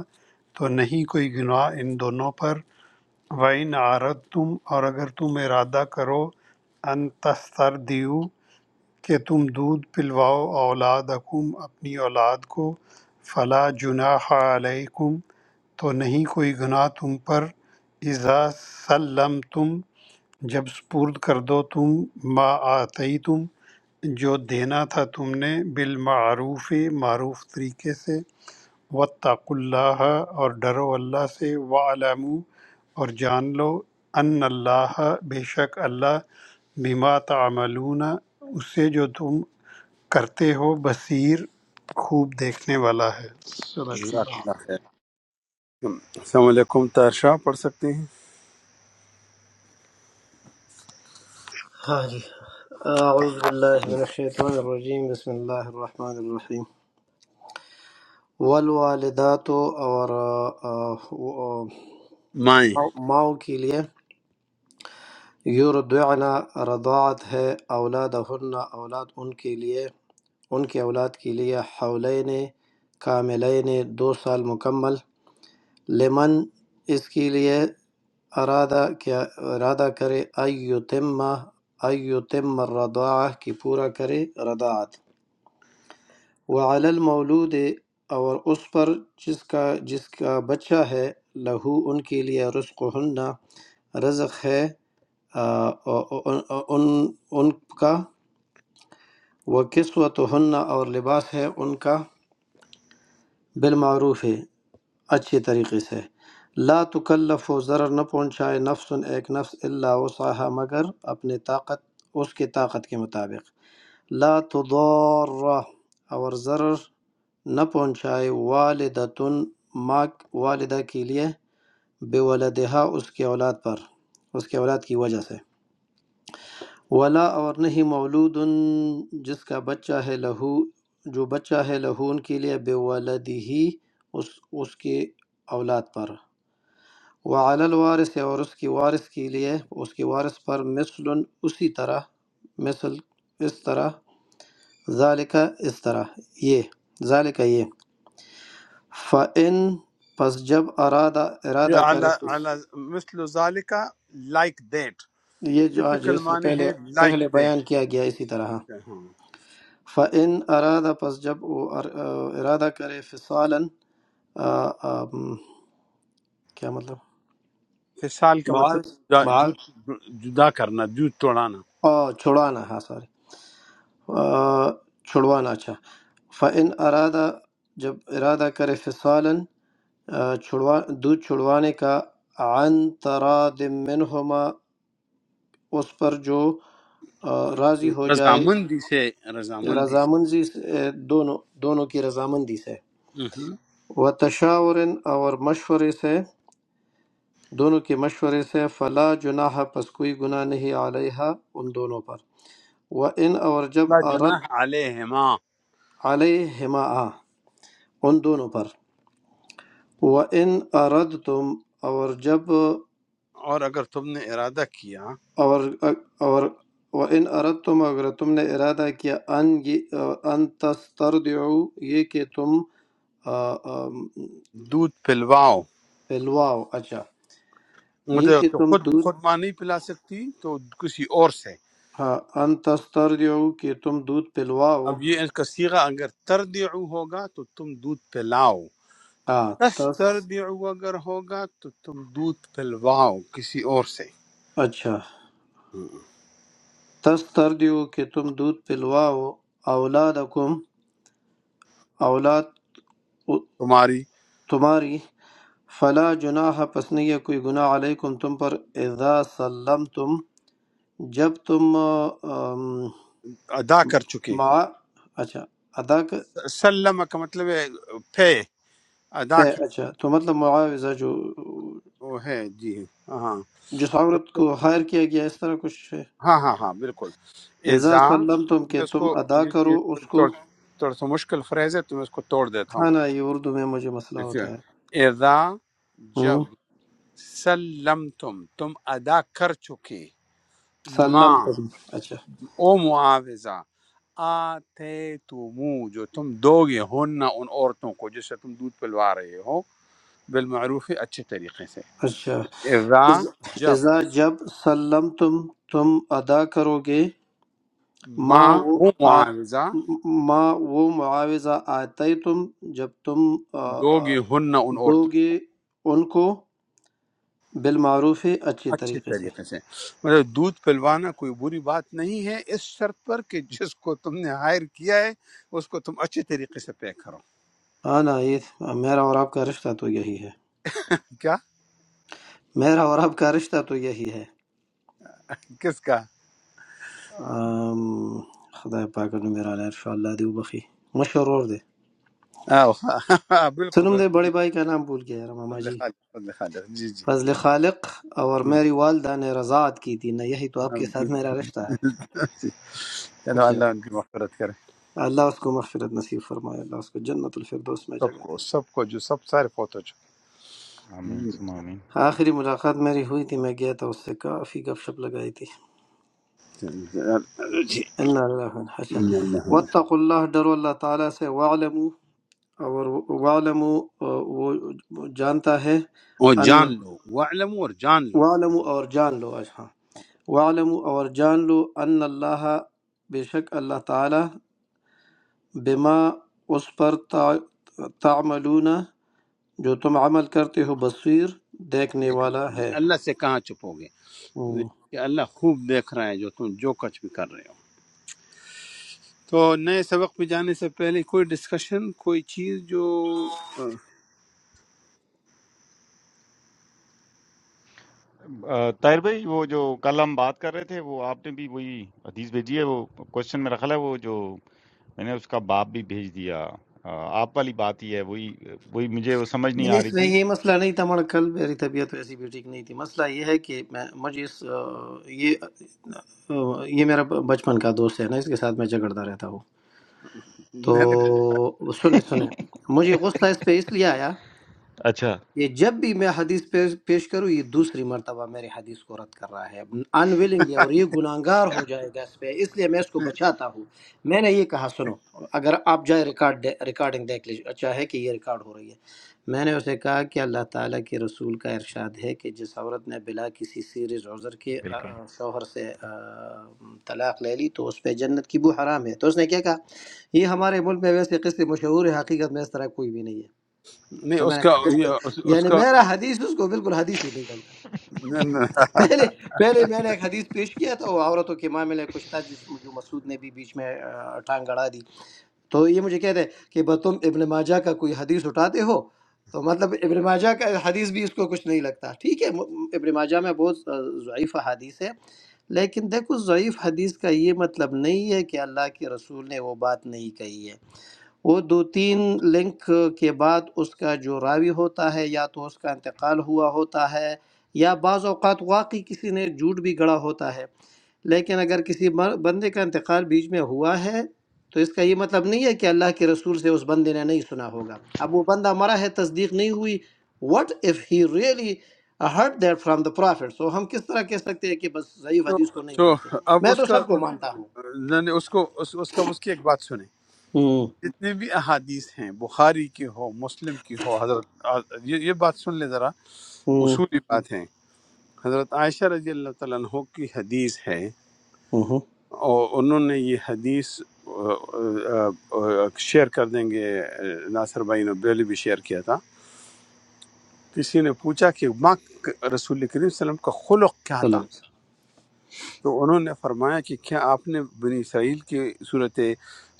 D: تو نہیں کوئی گناہ ان دونوں پر وَإِنْ عَرَضْتُمْ اور اگر تم ارادہ کرو ان تسترضعوا کہ تم دودھ پلواؤ اولادکم اپنی اولاد کو فلا جناح علیکم تو نہیں کوئی گناہ تم پر اذا سلم تم جب سپرد کر دو تم ما آتی تم جو دینا تھا تم نے بالمعروف معروف طریقے سے وطق اللہ اور ڈرو اللہ سے وعلمو اور جان لو ان اللہ بے شک اللہ بما تعملون اسے جو تم کرتے ہو بصیر خوب دیکھنے والا ہے صدق
A: جزاک
D: اللہ
A: اللہ خیر السلام علیکم تارشاہ پڑھ سکتے ہیں
F: ہاں جی اعوذ باللہ من الشیطان الرجیم بسم اللہ الرحمن الرحیم والوالدات اور آ، آ،
A: مائیں
F: ماؤں کے لیے یردعن رضاعت ہے اولادہن اولاد ان کے لیے ان کے اولاد کے لیے حولین کاملین دو سال مکمل لمن اس کے لیے ارادہ کیا ارادہ کرے ایتمہ ایتم الرضاعہ کی پورا کرے رضاعت وعلی المولود اور اس پر جس کا جس کا بچہ ہے لہو ان کے لیے رزق رزق ہے آ، آ، آ، آ، ان ان کا وہ قسوت اور لباس ہے ان کا بالمعروف ہے اچھے طریقے سے لا تکلف و ضرر نہ پہنچائے نفس ایک نفس اللہ وسعہ مگر اپنے طاقت اس کے طاقت کے مطابق لا تضار اور ضرر نہ پہنچائے والدتن ماں والدہ کے لیے بے ولدہا اس کے اولاد پر اس کے اولاد کی وجہ سے ولا اور نہیں مولود جس کا بچہ ہے لہو جو بچہ ہے لہو ان کے لیے بے ولدی اس اس کے اولاد پر وعلی الوارث اور اس کی وارث کے لیے اس کی وارث پر مثل اسی طرح مثل اس طرح ذالک اس طرح یہ ذالک یہ فَإِن پس جب ارادہ ارادہ
A: علی
F: کرے
A: علی مثل ذالک لائک دیٹ
F: یہ جو آج
A: ٹپیکل
F: اس سے
A: معنی
F: پہلے
A: ہے لائک
F: پہلے
A: دیٹ
F: بیان کیا گیا اسی طرح ہاں، فَإِن ارادہ پس جب وہ ار- ارادہ کرے فصالاً آ، آم، کیا مطلب
A: فصال کا مطلب
F: معاوض
A: جدا جد- جدا کرنا جود توڑانا
F: معاوض چھڑانا ہاں sorry۔ آ، چھڑوانا اچھا فَإِنْ ارادہ جب ارادہ کرے فصالاً آ، چھڑوا دودھ چھڑوانے کا عن تراد منہما اس پر جو آ، راضی ہو جائے
A: رضامندی سے رضامندی سے
F: رضامندی سے اے، دونوں دونوں کی رضامندی سے
A: مہم۔
F: و تشاور اور مشورے سے دونوں کے مشورے سے فلا جناح پس کوئی گناہ نہیں علیہ ان دونوں پر و ان اور جب
A: لا
F: عرد
A: جناح علیہما
F: علیہما آ، ان دونوں پر وَإِنْ أَرَدْتُمْ اور جب
A: اور اگر تم نے ارادہ کیا
F: اور اور وَإِنْ أَرَدْتُمْ اگر تم نے ارادہ کیا ان ان تسترضعوا یہ کہ تم آ، آم،
A: دودھ پلواؤ
F: پلواؤ اچھا یہ
A: مطلب
F: کہ
A: تو
F: تم
A: خود
F: دودھ
A: خود ماں نہیں پلا سکتی تو کسی اور سے
F: ہاں ان تسترضعوا کہ تم دودھ پلواؤ
A: اب یہ اس کا سیغہ اگر تردعو ہوگا تو تم دودھ پلاؤ
F: ہاں تس
A: استرجعوا اگر ہوگا تو تم دودھ پلواؤ کسی اور سے
F: اچھا تسترضعوا کہ تم دودھ پلواؤ اولادکم اولاد
A: تمہاری
F: تمہاری فلا جناح پس نہیں ہے کوئی گناہ علیکم تم پر اذا سلمتم جب تم ام،
A: ادا کر چکے
F: مع اچھا ادا کرتے
A: سلم کا مطلب ہے پے ادا کر
F: اچھا تو مطلب معاوضہ جو
A: وہ ہے جی ہاں
F: جس
A: تو-
F: عورت کو ہائر کیا گیا اس طرح کچھ ہے
A: ہاں ہاں ہاں بالکل
F: اذا
A: ازا
F: سلمتم کہ
A: میں اس کو
F: تم ادا
A: یہ
F: کرو
A: یہ
F: اس کو
A: تھوڑا تھوڑا سا مشکل فریز ہے تو میں اس کو توڑ دیتا ہوں
F: ہاں نا یہ اردو میں مجھے مسئلہ ہوتا ہے
A: اذا جب
F: ہم،
A: سلم تم تم ادا کر چکے ماں
F: سلمتم اچھا
A: او معاوضہ آتے تمو جو تم دو گے ہن ان عورتوں کو جس سے تم دودھ پلوا رہے ہو بالمعروف اچھے طریقے سے
F: اچھا
A: اذا
F: از-
A: جب
F: اذا جب سلمتم تم ادا کرو گے ما
A: ماں
F: وہ
A: او معاوضہ
F: آ- ما وہ معاوضہ آتے تم جب تم آ،
A: دو
F: آ،
A: گے ہن ان
F: دو
A: عورتوں کو
F: گے ان کو بالمعروف ہے اچھے
A: اچھے
F: طریقے سے
A: طریقے سے مطلب دودھ پلوانا کوئی بری بات نہیں ہے اس شرط پر کہ جس کو تم نے ہائر کیا ہے اس کو تم اچھے طریقے سے پے کرو
F: ہاں نا یہ میرا اور آپ کا رشتہ تو یہی ہے
A: کیا
F: میرا اور آپ کا رشتہ تو یہی ہے
A: کس کا
F: آم، خدا پاک نے میرا ان شاء اللہ دیو بخی مشرور دے
A: آہ، [laughs] بالکل
F: سنم دے
A: بالکل
F: بڑے بھائی کا نام بھول گیا یار ماما
A: فضل
F: جی
A: خالق فضل خالق جی جی
F: فضل خالق اور میری والدہ نے رضاعت کی تھی نہ یہی تو آپ
A: ہاں،
F: کے
A: ہاں،
F: ساتھ میرا رشتہ ہے
A: جی۔ چلو
F: اچھا
A: اللہ ان کی مغفرت کرے
F: اللہ اس کو مغفرت نصیب فرمائے اللہ اس کو جنت الفردوس میں
A: سب
F: جگہ
A: کو
F: دے
A: سب کو جو سب سارے فوت ہو چکے
B: آمین
A: ہم،
B: سم آمین
F: آخری ملاقات میری ہوئی تھی میں گیا تھا اس سے کافی گپ شپ لگائی تھی
A: چلو جی۔
F: اللہ اللہ اچھا
A: اللہ ہم-
F: وطق اللہ ڈرو اللہ تعالیٰ سے وعلمو اور وعلمو وہ جانتا ہے
A: اور
F: ان
A: جان لو وعلم اور جان لو
F: وعلمو اور جان لو آج ہاں وعلمو اور جان لو ان اللہ بے شک اللہ تعالیٰ بما اس پر تع- تعملون جو تم عمل کرتے ہو بصیر دیکھنے
A: دیکھ
F: والا
A: لیں
F: ہے
A: اللہ سے کہاں چھپو گے کہ اللہ خوب دیکھ رہا ہے جو تم جو کچھ بھی کر رہے ہو تو نئے سبق پہ جانے سے پہلے کوئی ڈسکشن کوئی چیز جو
B: آ، طاہر بھائی وہ جو کل ہم بات کر رہے تھے وہ آپ نے بھی وہی حدیث بھیجی ہے وہ کوشچن میرا خیال ہے وہ جو میں نے اس کا باپ بھی بھیج دیا آ، آپ والی بات ہی ہے وہی وہی مجھے وہ سمجھ نہیں
F: نہیں
B: آ رہی
F: اس میں
B: تھی
F: یہ مسئلہ نہیں تھا ہمارا کل میری طبیعت ویسی بھی ٹھیک نہیں تھی مسئلہ یہ ہے کہ میں مجھے اس آ، یہ آ، یہ میرا بچپن کا دوست ہے نا اس کے ساتھ میں جھگڑتا رہتا ہوں
A: میں نے
F: تو سنے سنے مجھے غصہ اس پہ اس لیے آیا
B: اچھا
F: یہ جب بھی میں حدیث پیش پیش کروں یہ دوسری مرتبہ میرے حدیث کو رد کر رہا ہے انویلنگلی اور یہ گناہگار ہو جائے گا اس پہ اس لیے میں اس کو بچاتا ہوں میں نے یہ کہا سنو اگر آپ جائے ریکارڈ ریکارڈنگ دیکھ لیجیے اچھا ہے کہ یہ ریکارڈ ہو رہی ہے میں نے اسے کہا کہ اللہ تعالیٰ کے رسول کا ارشاد ہے کہ جس عورت نے بلا کسی سیریز عذر کے آ،
B: بالکل
F: آ، شوہر سے آ، طلاق لے لی تو اس پہ جنت کی بو حرام ہے تو اس نے کیا کہا یہ ہمارے ملک میں ویسے قصے مشہور ہے حقیقت میں اس طرح کوئی بھی نہیں ہے
A: نہیں
F: تو میں
A: اس
F: نے
A: کا
F: کہا
B: ہاں،
F: بالکل
A: یہ- اس اس
F: یعنی
A: کا
F: میرا حدیث اس کو بالکل حدیث ہی نہیں لگتا
A: نہیں، نہیں۔
F: پہلے پہلے میں نے ایک حدیث پیش کیا تھا وہ عورتوں کے معاملے میں کچھ تھا جس جو مسعود نے بھی بیچ میں آ، ٹانگ گڑا دی تو یہ مجھے کہتے ہیں کہ بس تم ابن ماجہ کا کوئی حدیث اٹھاتے ہو تو مطلب ابن ماجہ کا حدیث بھی اس کو کچھ نہیں لگتا ٹھیک ہے م- ابن ماجہ میں بہت آ، ضعیف حدیث ہے لیکن دیکھو ضعیف حدیث کا یہ مطلب نہیں ہے کہ اللہ کے رسول نے وہ بات نہیں کہی ہے وہ دو تین لنک کے بعد اس کا جو راوی ہوتا ہے یا تو اس کا انتقال ہوا ہوتا ہے یا بعض اوقات واقعی کسی نے جھوٹ بھی گڑا ہوتا ہے لیکن اگر کسی مر- بندے کا انتقال بیچ میں ہوا ہے تو اس کا یہ مطلب نہیں ہے کہ اللہ کے رسول سے اس بندے نے نہیں سنا ہوگا اب وہ بندہ مرا ہے تصدیق نہیں ہوئی what if he really hurt that from the prophet so ہم کس طرح کہہ سکتے ہیں کہ بس ضعیف
A: تو
F: حدیث کو نہیں
A: تو
F: مانتے
A: اب
F: میں
A: اس
F: تو
A: کا
F: سب کو مانتا ہوں
A: میں نے اس کو اس اس کا اس کی ایک بات سنیں
F: ہوں
A: جتنے بھی احادیث ہیں بخاری کی ہو مسلم کی ہو حضرت یہ یہ بات سن لے ذرا
F: ہوں
A: اصولی بات ہے حضرت عائشہ رضی اللہ تعالیٰ عنہ کی حدیث ہے
F: ہوں
A: اور انہوں نے یہ حدیث آ، آ، آ، شیئر کر دیں گے ناصر بھائی نے بیلی بھی شیئر کیا تھا کسی نے پوچھا کہ ماں رسول کریم صلی اللہ علیہ وسلم کا خلق کیا
F: صلی اللہ
A: تھا
F: علیہ وسلم.
A: تو انہوں نے فرمایا کہ کیا آپ نے بنی اسرائیل کی صورت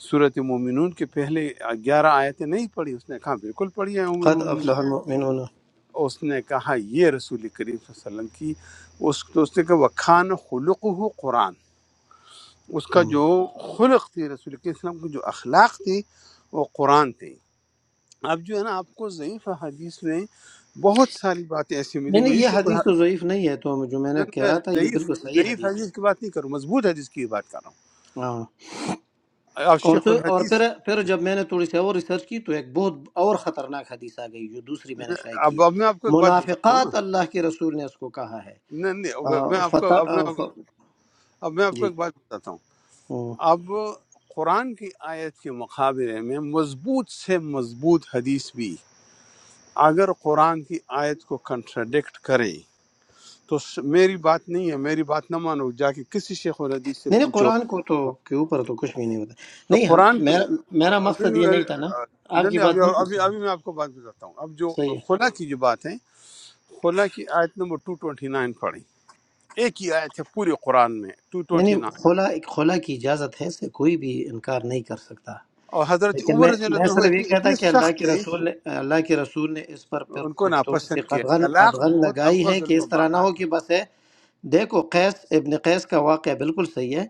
A: صورت مومنون کے پہلے گیارہ آیتیں نہیں پڑھی اس نے کہا بالکل پڑھی ہے ام
F: قد
A: المومنین
F: افلح المؤمنون
A: اس نے کہا یہ رسول کریم صلی اللہ علیہ وسلم کی اس تو اس نے کہا وکھان خلق ہو قرآن اس کا
F: ہم۔
A: جو خلق تھی رسول کریم صلی اللہ علیہ وسلم کی جو اخلاق تھی وہ قرآن تھی اب جو ہے نا آپ کو ضعیف حدیث میں بہت ساری باتیں ایسی
F: نہیں
A: ملیں
F: نہیں
A: گی یہ
F: یہ
A: شیخ
F: حدیث تو
A: الحدیث
F: ضعیف نہیں ہے تو جو میں نے کہہ
A: میں
F: رہا تھا یہ
A: ضعیف
F: بالکل صحیح
A: ضعیف
F: حدیث ہے
A: حدیث کی بات نہیں کر رہا ہوں مضبوط حدیث کی بات کر رہا
F: ہاں
A: ہوں اب
F: اور
A: شیخ
F: پھر اور
A: الحدیث
F: پھر پھر جب میں نے تھوڑی سی اور ریسرچ کی تو ایک بہت اور خطرناک حدیث آ گئی جو دوسری میں نے شائع کی
A: اب
F: ہے
A: اب میں آپ کو ایک بات بتاتا ہوں نا
F: منافقات اللہ کے رسول نے اس کو کہا ہے
A: نہیں نہیں اب میں
F: آ،
A: آپ کو
F: فتح
A: اب
F: آ،
A: میں
F: ف...
A: اب میں آپ کو
F: جی
A: ایک بات بتاتا ہوں
F: ہم۔
A: اب قرآن کی آیت کے مقابلے میں مضبوط سے مضبوط حدیث بھی اگر قرآن کی آیت کو کنٹراڈکٹ کرے تو س- میری بات نہیں ہے میری بات نہ مانو جا کے کسی شیخ الحدیث سے
F: نہیں نہیں
A: پوچھو
F: قرآن کو تو کے اوپر تو کچھ بھی نہیں ہوتا
A: تو
F: نہیں ہم
A: قرآن کی
F: میرا میرا
A: نہیں
F: مقصد
A: نہیں
F: یہ نہیں
A: نہیں،
F: تھا نا آپ کی
A: نہیں،
F: بات
A: ابھی
F: بالکل
A: ابھی
F: صحیح ہے
A: ابھی میں آپ کو بات بتاتا ہوں اب جو
F: صحیح ہے
A: خلا کی جو بات ہے خلا کی آیت نمبر 229 پڑھیں ایک ہی آیت ہے پورے قرآن میں
F: نہیں نہیں
A: 229
F: خلا خلا کی اجازت ہے سے کوئی بھی انکار نہیں کر سکتا
A: اور حضرت
F: لیکن میں
A: عمر رضی
F: میں
A: اللہ عنہ
F: صرف یہ
A: اتنے
F: کہتا
A: اتنے
F: کہ اللہ
A: سخت
F: کے
A: تھے
F: رسول نے اللہ کے رسول نے اس پر پھر
A: ان کو
F: کو تھوڑی سی
A: ناپسند کیا
F: قدغن
A: طلاق
F: قدغن
A: بہت
F: لگائی ہے
A: ابغض
F: کہ اس طرح نہ ہو
A: المباحات
F: کہ
A: ہے
F: بس ہے دیکھو قیس ابن قیس کا واقعہ بالکل صحیح ہے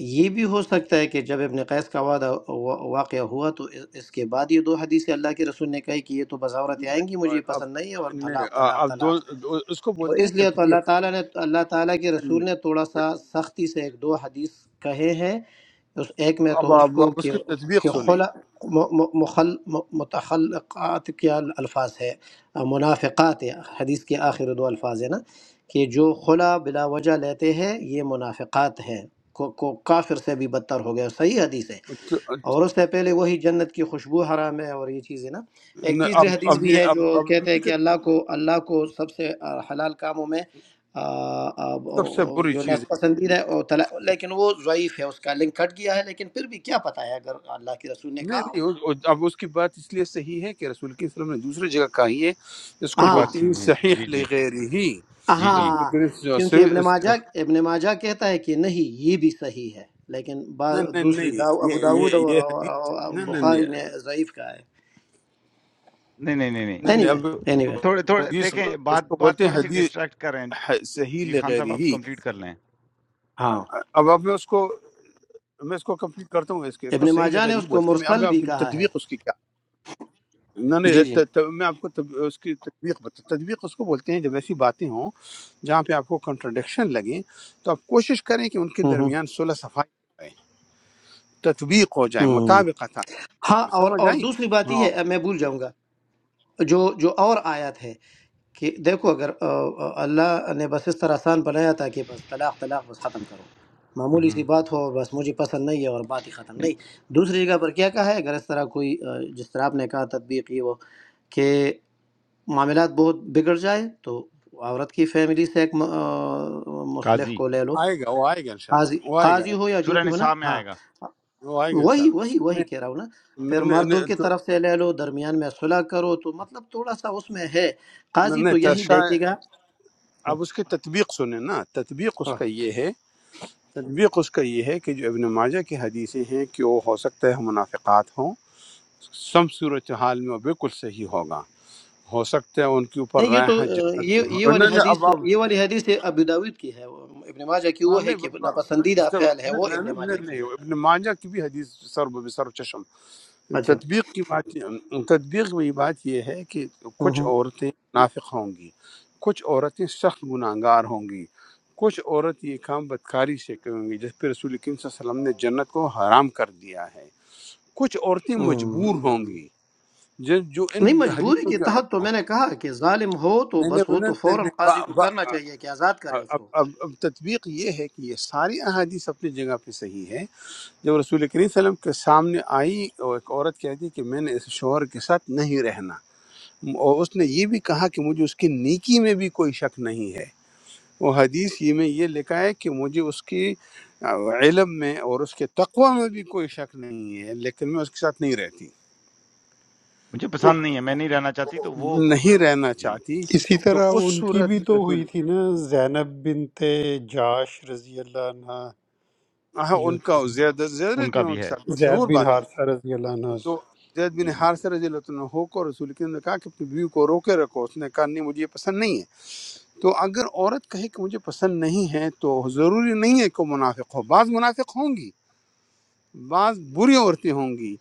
F: یہ بھی ہو سکتا ہے کہ جب ابن قیس کا وعدہ وا- واقعہ ہوا تو اس اس کے بعد یہ دو حدیثیں اللہ کے رسول نے کہی کہ یہ تو بذاورت آئیں گی مجھے یہ
A: اور اب
F: پسند نہیں ہے اور
A: نے-
F: طلاق طلاق
A: اب
F: طلاق
A: دو اس کو
F: تو
A: بولتے ہیں
F: اس لیے تو اللہ
A: تطبیق
F: تعالیٰ نے اللہ تعالیٰ کے رسول نے تھوڑا سا سختی سے ایک دو حدیث کہے ہیں اس ایک میں
A: اب
F: تو اس
A: اب,
F: کو
A: اب اس
F: کہ
A: کی تطبیق
F: کہ
A: سنیں
F: خلا م- م- مخل م- متخلقات کے الفاظ ہے منافقات ہے حدیث کے آخر دو الفاظ ہے نا کہ جو خلا بلا وجہ لیتے ہیں یہ منافقات ہیں کو, کو کافر سے بھی بدتر ہو گیا صحیح حدیث ہے اور اس سے پہلے وہی جنت کی خوشبو حرام ہے اور یہ چیزیں نا ایک تیسری
A: اب
F: حدیث
A: اب
F: بھی
A: یہ
F: ہے
A: اب
F: جو
A: اب
F: کہتے ہیں
A: امریکہ
F: کہ
A: کی
F: اللہ کو اللہ کو سب سے آ، حلال کاموں میں آ، آ،
A: سب سے
F: وہ
A: بری
F: جو
A: چیز
F: نس
A: ہے
F: پسندیدہ ہے اور طلا- لیکن وہ ضعیف ہے اس کا لنک کٹ گیا ہے لیکن پھر بھی کیا پتہ ہے اگر اللہ کے رسول نے
A: نہیں
F: کہا ہو
A: نہیں اس- اب اس کی بات اس لیے صحیح ہے کہ رسول کی وسلم نے دوسری جگہ کہی ہے اس کو
B: یہ بات
F: ہاں
A: بولتے
B: سن
A: ہیں
B: رہی ہے۔
A: صحیح
B: جی جی
A: لغیر ہی
B: جی جی
A: رسول
F: ہاں
A: کریم صلی اللہ
F: کیونکہ
A: علیہ
F: ابن ماجہ
A: وسلم-
F: ابن ماجہ کہتا ہے کہ نہیں یہ بھی صحیح ہے لیکن بعض
A: نہیں نہیں
F: دوسری
A: نہیں
F: داؤ ابو
A: یہ
F: داود
A: یہ
F: اور
A: یہ
F: اور-
A: حدیث
F: اور
A: نہیں نہیں
F: بخاری نے ضعیف کہا ہے
B: نہیں نہیں نہیں نہیں
A: نہیں
F: اینی
A: نہیں
F: وے
A: اب
B: تو
F: اینی وے
B: تھوڑے تھوڑے
A: حدیث
B: دیکھیں
A: اس
B: بات
A: کو
B: بات
A: بولتے ہیں
B: تھوڑی سی
A: حدیث
B: ڈسٹریکٹ کر رہے ہیں
A: ح- صحیح
B: جی خان
A: لغیر
B: صاحب آپ
A: ہی
B: کمپلیٹ کر لیں
F: ہاں
A: اب اب میں اس کو میں اس کو کمپلیٹ کرتا ہوں اس کے اس کو
F: ابن
A: صحیح
F: ماجہ نے
A: لغیر ہی
F: اس کو
A: بولتی ہیں۔ میں اب
F: مرسل
A: میں آپ
F: بھی
A: کی
F: کہا ہے
A: تدویق اس کی کیا نہیں
F: جی
A: نہیں
F: جی
A: ت- ت- میں آپ کو تب- اس کی تدویق بتا تدویق اس کو بولتے ہیں جب ایسی باتیں ہوں جہاں پہ آپ کو کنٹرڈکشن لگیں تو آپ کوشش کریں کہ ان کے
F: ہوں ہوں
A: درمیان صلح صفائی ہو جائے تطبیق ہو جائے
F: ہوں۔
A: مطابق
F: ہاں اور
A: سمجھ
F: اور
A: آئی
F: دوسری بات یہ
A: ہاں
F: ہے اب میں بھول جاؤں گا جو جو اور آیت ہے کہ دیکھو اگر آ، آ، اللہ نے بس اس طرح آسان بنایا تھا کہ بس طلاق طلاق بس ختم کرو معمولی
B: ہاں۔
F: سی بات ہو اور بس مجھے پسند نہیں ہے اور بات ہی ختم
B: نہیں
F: نہیں دوسری جگہ پر کیا کہا ہے اگر اس طرح کوئی آ، جس طرح آپ نے کہا تطبیق یہ وہ کہ معاملات بہت بگڑ جائے تو عورت کی فیملی سے ایک م- آ، مصلح
B: قاضی
F: کو لے لو
A: آئے گا وہ آئے گا انشاءاللہ
F: قاضی
A: وہ آئے گا
F: قاضی ہو یا جو
B: سورہ
F: بھی ہو نا
B: نساء میں
F: ہاں
B: آئے گا
A: وہ آئے گا
F: وہی وہی
A: انشاءاللہ
F: وہی کہہ رہا ہوں نا پھر
A: نہیں نہیں
F: مردوں کی
A: نہیں
F: طرف سے لے لو درمیان میں صلح کرو تو مطلب تھوڑا سا اس میں ہے
A: تو-
F: قاضی
A: نہیں،
F: تو یہی
A: ترشا
F: دیکھے گا ہاں
A: اب اس کی تطبیق سنیں نا تطبیق اس
F: ہاں۔
A: کا یہ ہے تطبیق اس کا یہ ہے کہ جو ابن ماجہ کی حدیثیں ہیں کہ وہ ہو سکتا ہے منافقات ہوں سم صورتحال میں وہ بالکل صحیح ہوگا ہو سکتا ہے ان کے اوپر
F: نہیں یہ
A: رائے
F: تو
A: ہے
F: اہ،
A: جنت
F: یہ
A: میں ہو-
F: یہ والی
A: نہیں نہیں اب
F: حدیث یہ والی حدیث ہے ابو داود کی ہے وہ ابن ماجہ کی وہ
A: اب
F: ہے
A: نہیں
F: کہ
A: ب- ب-
F: ناپسندیدہ
A: ب-
F: فعل ہے وہ
A: نہیں
F: ابن ماجہ
A: نہیں،
F: کی
A: نہیں،
F: ہے
A: ابن ماجہ کی بھی حدیث سر بسر چشم
F: اچھا
A: تطبیق کی بات تطبیق میں یہ بات یہ ہے کہ
F: ہوں
A: کچھ
F: ہوں،
A: عورتیں نافق ہوں گی کچھ عورتیں سخت گناہ گار ہوں گی کچھ عورت یہ کام بدکاری سے کریں گی جس پہ رسول کریم صلی اللہ علیہ وسلم نے جنت کو حرام کر دیا ہے کچھ عورتیں
F: ہوں۔
A: مجبور ہوں گی جو جو ان
F: نہیں مجبوری
A: حدیثوں
F: کے
A: کا
F: تحت تو میں نے کہا کہ ظالم ہو تو
A: میں
F: بس
A: نے
F: وہ
A: انہوں
F: تو
A: نے-
F: فوراً
A: نے-
F: قاضی
A: با-
F: کو
A: با-
F: کرنا چاہیے کہ آزاد کرے اس
A: اب,
F: کو
A: اب, اب تطبیق یہ ہے کہ یہ ساری احادیث اپنی جگہ پہ صحیح ہے جب رسول کریم صلی اللہ علیہ وسلم کے سامنے آئی اور ایک عورت کہتی کہ میں نے اس شوہر کے ساتھ نہیں رہنا اور اس نے یہ بھی کہا کہ مجھے اس کی نیکی میں بھی کوئی شک نہیں ہے وہ حدیث یہ میں یہ لکھا ہے کہ مجھے اس کی آ، علم میں اور اس کے تقوی میں بھی کوئی شک نہیں ہے لیکن میں اس کے ساتھ نہیں رہتی
B: مجھے
A: تو
B: پسند نہیں ہے میں نہیں رہنا چاہتی تو وہ
A: نہیں رہنا
B: جی
A: چاہتی
D: اسی
A: تو
D: طرح
A: اس
D: ان کی
A: صورت
D: بھی
A: میں
D: تو
A: رسول
D: ہوئی تھی نا زینب بنت جاش رضی اللہ عنہ
A: ہاں
D: جو
A: ان کا
D: تھی
A: زیادہ زیادہ
B: ان کا
A: میں ان
B: بھی
A: کے
B: ہے
A: ساتھ
D: زید
A: مشہور
D: بن
A: بات ہے
D: حارثہ رضی اللہ عنہ سے
A: تو زید بن
B: جی
A: حارث رضی اللہ عنہ کو رسول کریم نے کہا کہ اپنی بیوی کو روکے رکھو اس نے کہا نہیں مجھے یہ پسند نہیں ہے تو اگر عورت کہے کہ مجھے پسند نہیں ہے تو ضروری نہیں ہے کہ وہ منافق ہو بعض منافق ہوں گی بعض بری عورتیں ہوں گی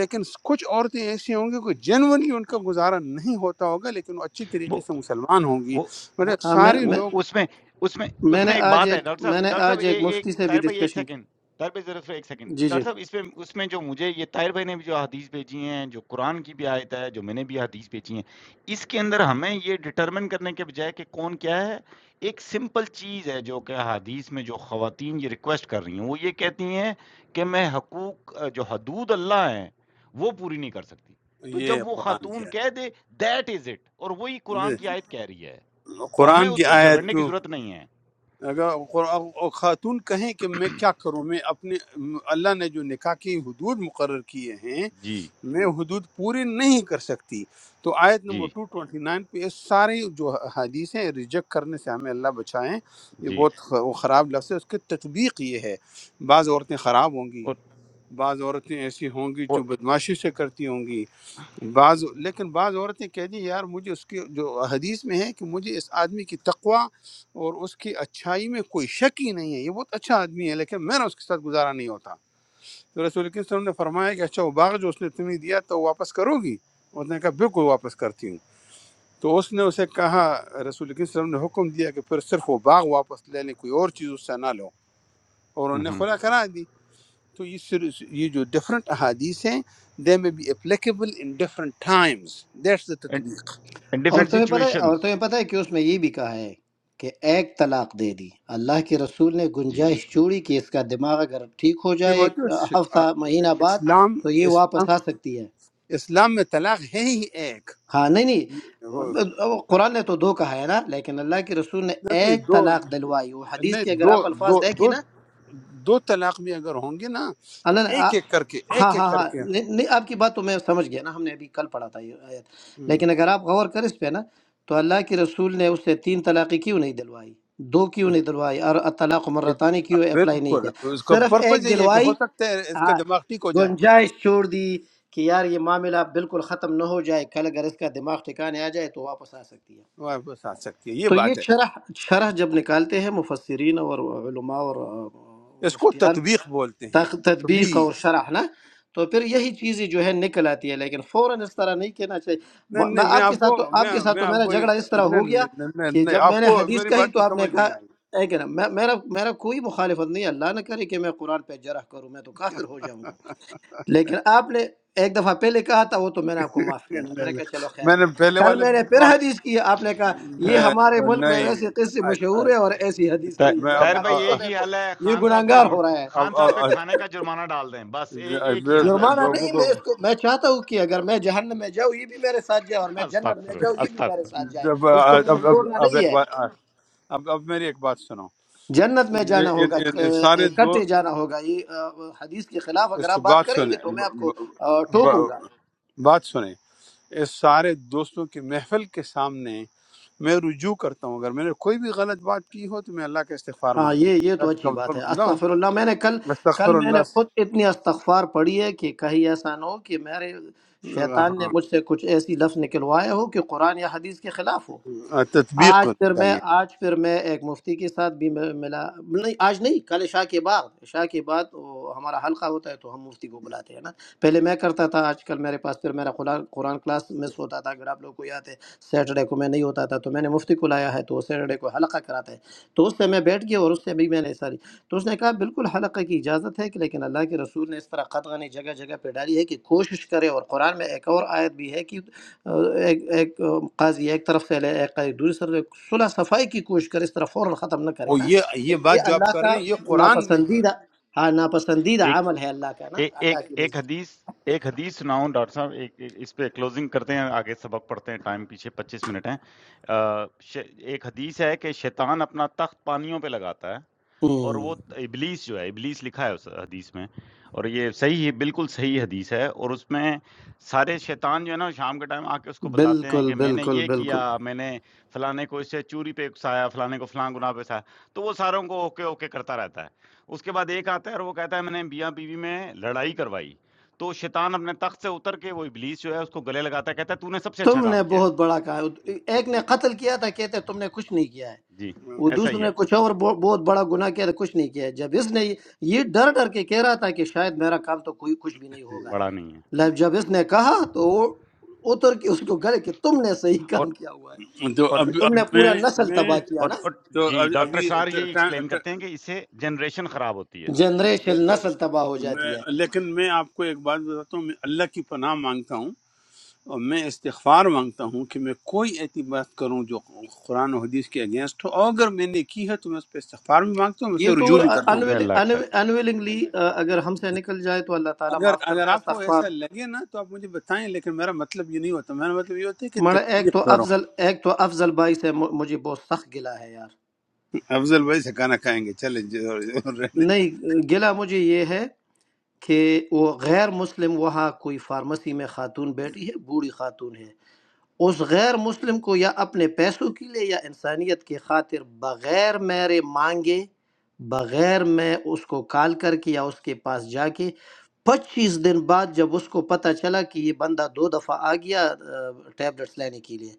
A: لیکن کچھ عورتیں ایسی ہوں گی کہ جنورلی ان کا گزارا نہیں ہوتا ہوگا لیکن وہ اچھی طریقے
B: وہ
A: سے مسلمان ہوں گی
B: وہ وہ
A: مطلب
F: ہاں
A: سارے
B: وہ
F: میں
A: لوگ
B: اس میں اس میں اس
F: میں نے
B: میں ایک
F: آج
B: بات ہے
F: ایک
B: ڈاکٹر
F: میں
B: صاحب
F: نے
B: ڈاکٹر صاحب
F: آج ایک
B: اے-
F: مفتی
B: ایک
F: سے بھی
B: طاہر بھائی ایک
F: ڈسکشن کی
B: سیکنڈ طاہر بھائی ذرا سا ایک سیکنڈ
F: جی جی
B: ڈاکٹر صاحب اس میں اس میں جو مجھے یہ طاہر بھائی نے بھی جو حدیث بھیجی ہیں جو قرآن کی بھی آیت ہے جو میں نے بھی حدیث بھیجی ہیں اس کے اندر ہمیں یہ ڈٹرمن کرنے کے بجائے کہ کون کیا ہے ایک سمپل چیز ہے جو کہ حدیث میں جو خواتین یہ ریکویسٹ کر رہی ہیں وہ یہ کہتی ہیں کہ میں حقوق جو حدود اللہ ہیں وہ پوری نہیں کر سکتی تو
A: یہ
B: جب وہ
A: قرآن کی
B: خاتون کہہ دے دیٹ از اٹ اور وہی قرآن
A: آیت
B: کی آیت کہہ رہی ہے تو ہمیں
A: قرآن کی
B: اس پہ
A: آیت
B: جھگڑنے کی
A: تو
B: ضرورت نہیں ہے
A: اگر قر- خاتون کہیں کہ میں کیا کروں میں اپنے اللہ نے جو نکاح کی حدود مقرر کیے ہیں
B: جی
A: میں حدود پوری نہیں کر سکتی تو آیت نمبر
B: جی
A: 229 پہ یہ ساری جو حدیث ہیں ریجیکٹ کرنے سے ہمیں اللہ بچائیں یہ
B: جی
A: بہت خ- وہ خراب لفظ ہے اس کی تطبیق یہ ہے بعض عورتیں خراب ہوں گی
B: ہوں
A: بعض عورتیں ایسی ہوں گی جو بدماشی سے کرتی ہوں گی بعض لیکن بعض عورتیں کہہ دیں یار مجھے اس کی جو حدیث میں ہے کہ مجھے اس آدمی کی تقوا اور اس کی اچھائی میں کوئی شک ہی نہیں ہے یہ بہت اچھا آدمی ہے لیکن میرا اس کے ساتھ گزارا نہیں ہوتا تو رسول اکرم صلی اللہ علیہ وسلم نے فرمایا کہ اچھا وہ باغ جو اس نے تمہیں دیا تو واپس کرو گی اس نے کہا بالکل واپس کرتی ہوں تو اس نے اسے کہا رسول اکرم صلی اللہ علیہ وسلم نے حکم دیا کہ پھر صرف وہ باغ واپس لے لیں کوئی اور چیز اس سے نہ لو اور انہوں نے خلا کرا دی تو یہ سر- یہ جو ڈفرینٹ احادیث ہیں دے میں be applicable in different times that's the
B: ان
A: تطبیق
B: ڈفرینٹ
F: عورتوں میں پتہ ہے
B: سچویشنز
F: عورتوں میں پتہ ہے کہ اس میں یہ بھی کہا ہے کہ ایک طلاق دے دی اللہ کے رسول نے
B: جی
F: گنجائش
B: بالکل
F: چھوڑی کہ اس کا دماغ اگر ٹھیک ہو
A: یہ
F: جائے
A: وہ
F: ایک
A: تو
F: ہفتہ مہینہ بعد
A: اسلام
F: تو یہ
A: اسلام
F: واپس آ سکتی ہے
A: اسلام میں طلاق ہے ہی ایک
F: ہاں نہیں نہیں قرآن نے تو دو کہا ہے نا لیکن اللہ کے رسول نے
A: نہیں
F: ایک
A: دو
F: طلاق دلوائی وہ حدیث
A: نہیں
F: کے اگر
A: دو
F: آپ
A: دو
F: الفاظ دیکھیں
A: دو
F: نا
A: دو طلاق بھی اگر ہوں گے نا تو
F: اللہ نے
A: ایک ایک کر کے
F: ہاں
A: ایک ایک
F: ہاں
A: کر
F: ہاں
A: کے
F: نہیں نہیں، آپ کی بات تو میں سمجھ گیا نا ہم نے ابھی کل پڑھا تھا یہ آیت
A: ہم،
F: لیکن اگر آپ غور کریں اس پہ نا تو اللہ کے رسول نے اس سے تین طلاقیں کیوں نہیں دلوائی دو کیوں نہیں دلوائی اور طلاق مرتانی کیوں اپلائی نہیں
A: بالکل
F: کیا
A: اس کا
F: صرف
A: پرپز
F: ایک
A: یہی ہے کہ ہو
F: دلوائی
A: سکتا ہے اس کا
F: ہاں
A: دماغ ٹھیک ہو جائے
F: گنجائش چھوڑ دی کہ یار یہ معاملہ بالکل ختم نہ ہو جائے کل اگر اس کا دماغ ٹھکانے آ جائے تو واپس آ سکتی ہے
A: واپس آ سکتی ہے یہ
F: تو یہ
A: بات ہے
F: شرح شرح جب نکالتے ہیں مفسرین اور علماء اور آ،
A: اس کو
F: مفتیان
A: تطبیق بولتے ہیں
F: تق- تطبیق اور
A: تطبیق
F: شرح نا تو پھر یہی چیزیں جو ہے نکل آتی ہے لیکن فوراً اس طرح نہیں کہنا چاہیے
A: نہیں
F: م- میں
A: نہیں میں
F: آپ کے
A: آپ
F: ساتھ
A: کو
F: تو
A: میں
F: آپ کے ساتھ
A: میں
F: تو
A: آپ
F: میرا
A: کو
F: جھگڑا اس طرح
A: نہیں
F: ہو گیا
A: نہیں نہیں
F: کہ
A: نہیں،
F: جب
A: آپ
F: میں نے
A: کو
F: حدیث
A: میری
F: کہی
A: بات
F: تو
A: کی
F: آپ نے
A: سمجھ
F: کہا
A: نہیں آئی
F: اے کہ نا میں- میرا میرا کوئی مخالفت نہیں ہے، اللہ نہ کرے کہ میں قرآن پہ جرح کروں میں تو کافر ہو جاؤں گا لیکن آپ نے ایک دفعہ پہلے کہا تھا وہ تو میں نے آپ کو معاف
A: نہیں،
F: کیا تھا میں
A: نہیں،
F: نے
A: نہیں۔
F: کہا چلو خیر
A: میں
F: ہے
A: نے پہلے
F: کل
A: والا
F: میں
A: بھی
F: نے
A: بھی
F: پھر
A: معاف-
F: حدیث کی آپ نے کہا یہ
A: میں
F: ہمارے ملک میں
A: نہیں
F: ویسے قصے
A: آئی-
F: مشہور
A: آئی۔
F: ہے اور ایسی حدیث
A: اچھا،
F: نہیں ہے
A: میں
F: میں نے
B: طاہر
F: کہا
B: بھائی
F: کس کو
A: اب
B: ایک ہی
F: دیکھو
B: حل ہے
F: یہ
B: خان
F: گناہ
B: صاحب پہ
F: گار ہو
B: روٹ
F: رہا ہے
A: اب
B: خان
A: اب
B: صاحب پہ کھانے کا جرمانہ ڈال دیں بس اے- ایک ہی
A: اب-
B: حل ہے اس
F: جرمانہ
B: کا
A: لوگوں
F: نہیں
A: کو
F: میں اس کو میں چاہتا ہوں کہ اگر میں جہنم میں جاؤں یہ بھی میرے ساتھ جائے اور میں جنت
B: استغفر
F: میں
B: اللہ
F: جاؤں یہ بھی میرے
B: استغفر
F: ساتھ
B: اللہ
F: جائے
A: جب
F: اس کو
A: اب
F: میں نے
A: اب
F: چھوڑنا
A: اب
F: نہیں
A: ایک
F: ہے
A: بات اب اب میری ایک بات سنو
F: جنت میں
A: ان
F: جانا
A: ان-
F: ہوگا
A: ان- ان سارے
F: ک-
A: دو
F: کٹے جانا ہوگا یہ آ، حدیث کے خلاف
A: اس
F: اگر آپ بات
A: بات
F: کریں گے
A: سنیں
F: تو میں
A: ب-
F: آپ کو
A: ب-
F: آ، ٹوکوں
A: ب-
F: گا
A: بات سنیں اس سارے دوستوں کی محفل کے سامنے میں رجوع کرتا ہوں اگر میں نے کوئی بھی غلط بات کی ہو تو میں اللہ کا استغفار
F: ہاں
A: مانگتا ہوں
F: یہ یہ تو
A: اللہ کا
F: اچھی
A: کمزور
F: بات ہے
A: بندہ ہوں
F: استغفر اللہ میں نے کل کل
A: استغفر
F: میں
A: اللہ
F: نے خود
A: سے-
F: اتنی استغفار پڑھی ہے کہ کہیں ایسا نہ ہو کہ میرے شیطان نے
A: ہاں
F: مجھ سے کچھ ایسی لفظ نکلوایا ہو کہ قرآن یا حدیث کے خلاف ہو
A: تطبیق
F: آج پھر میں
A: چاہیے
F: آج پھر میں ایک مفتی کے ساتھ بھی میں ملا نہیں آج نہیں کل عشاء کے بعد عشاء کے بعد وہ ہمارا حلقہ ہوتا ہے تو ہم مفتی کو بلاتے ہیں نا پہلے میں کرتا تھا آج کل میرے پاس پھر میرا قرآن قرآن کلاس مس ہوتا تھا اگر آپ لوگ کو یاد ہے سیٹرڈے کو میں نہیں ہوتا تھا تو میں نے مفتی کو لایا ہے تو وہ سیٹرڈے کو حلقہ کراتا ہے تو اس سے میں بیٹھ گیا اور اس سے بھی میں نے ساری تو اس نے کہا بالکل حلقہ کی اجازت ہے کہ لیکن اللہ کے رسول نے اس طرح قدغنی جگہ جگہ پہ ڈالی ہے کہ کوشش کرے اور قرآن میں ایک اور آیت بھی ہے کہ ایک ایک قاضی ایک طرف سے لے ایک قاضی دوسری طرف سے، صلح صفائی کی کوشش کرے اس طرح فوراً ختم نہ کرے
A: اور
F: نا
A: یہ یہ
F: کیونکہ یہ
A: بات جو آپ
F: اللہ
A: کر
F: کا
A: رہے ہیں یہ قرآن میں
F: ناپسندیدہ ہاں ناپسندیدہ
B: ایک
F: عمل ہے اللہ کا نا
B: ایک
F: اللہ
B: ایک
F: کی
B: ایک
F: نزد
B: حدیث ایک حدیث سناؤں ڈاکٹر صاحب ایک ایک- اس پہ کلوزنگ کرتے ہیں آگے سبق پڑھتے ہیں ٹائم پیچھے پچیس منٹ ہیں آ، ش- ایک حدیث ہے کہ شیطان اپنا تخت پانیوں پہ لگاتا ہے اور
F: ہوں،
B: وہ ابلیس جو ہے ابلیس لکھا ہے اس حدیث میں اور یہ صحیح ہے بالکل صحیح حدیث ہے اور اس میں سارے شیطان جو ہے نا شام کے ٹائم آ کے اس کو بتاتے ہیں
F: بالکل
B: کہ میں نے
F: بالکل
B: یہ کیا
F: بالکل
B: میں نے فلانے کو اس سے چوری پہ اکسایا فلانے کو فلاں گناہ پہ اکسایا تو وہ ساروں کو اوکے اوکے کرتا رہتا ہے اس کے بعد ایک آتا ہے اور وہ کہتا ہے میں نے میاں بیوی میں لڑائی کروائی تو شیطان اپنے تخت سے اتر کے وہ ابلیس جو ہے اس کو گلے لگاتا ہے کہتا ہے تو نے سب سے اچھا
F: تم
B: کام
F: نے
B: کیا ہے۔
F: بہت بڑا کہا ایک نے قتل
A: ہے
F: کیا تھا کہتے تم نے کچھ نہیں کیا ہے
B: جی
F: وہ
B: ایسا
F: دوسرے
B: ہی ہے
F: نے کچھ اور بہت بہت بڑا گناہ کیا تھا کچھ نہیں کیا ہے جب اس نے یہ ڈر ڈر کے کہہ رہا تھا کہ شاید میرا کام تو کوئی کچھ بھی نہیں ہوگا
B: بڑا نہیں ہے
F: لب جب اس نے کہا تو وہ اتر کے اس کو گلے کہ تم نے صحیح
B: اور
F: کام کیا ہوا ہے
A: تو
B: اور
F: کیونکہ
A: اب
F: تم
A: اب
F: نے
A: میں
F: پورا نسل
A: میں
F: تباہ کیا
B: اور
F: نا
B: اور
A: تو
B: جی
A: اب-
B: ڈاکٹر
A: ابھی
B: اسرار
A: ٹ-
B: یہی
A: ٹ-
B: ایکسپلین
A: ٹ-
B: کرتے ہیں کہ اس سے جنریشن خراب ہوتی ہے
F: جنریشن
A: دیکھو
F: نسل تباہ ہو
A: میں
F: جاتی ہے
A: لیکن میں آپ کو ایک بات بتاتا ہوں میں اللہ کی پناہ مانگتا ہوں اور میں استغفار مانگتا ہوں کہ میں کوئی ایسی بات کروں جو قرآن و حدیث کے اگینسٹ ہو اور اگر میں نے کی ہے تو میں اس پہ استغفار بھی مانگتا ہوں میں
F: یہ
A: اسے
F: تو
A: رجوع بھی کرتا ہوں
B: میں اللہ ایکسیپٹ
F: انویلنگلی اگر ہم سے نکل جائے تو اللہ تعالیٰ
A: اگر
F: معاف
A: اگر
F: کرتا ہے
A: آپ کو
F: استغفار
A: ایسا لگے نا تو آپ مجھے بتائیں لیکن میرا مطلب یہ نہیں ہوتا میرا مطلب یہ ہوتا ہے کہ
F: مڑا ایک
A: تکلیف
F: تو
A: کرو
F: افضل ایک تو افضل بھائی سے مجھ- مجھے بہت سخت گلا ہے یار
A: افضل بھائی سے کھانا کھائیں گے چلے جو- جو رہنے دیں۔
F: نہیں گلا مجھے یہ ہے کہ وہ غیر مسلم وہاں کوئی فارمیسی میں خاتون بیٹھی ہے بوڑھی خاتون ہے اس غیر مسلم کو یا اپنے پیسوں کے لیے یا انسانیت کی خاطر بغیر میرے مانگے بغیر میں اس کو کال کر کے یا اس کے پاس جا کے پچیس دن بعد جب اس کو پتہ چلا کہ یہ بندہ دو دفعہ آ گیا ٹیبلٹس لینے کے لیے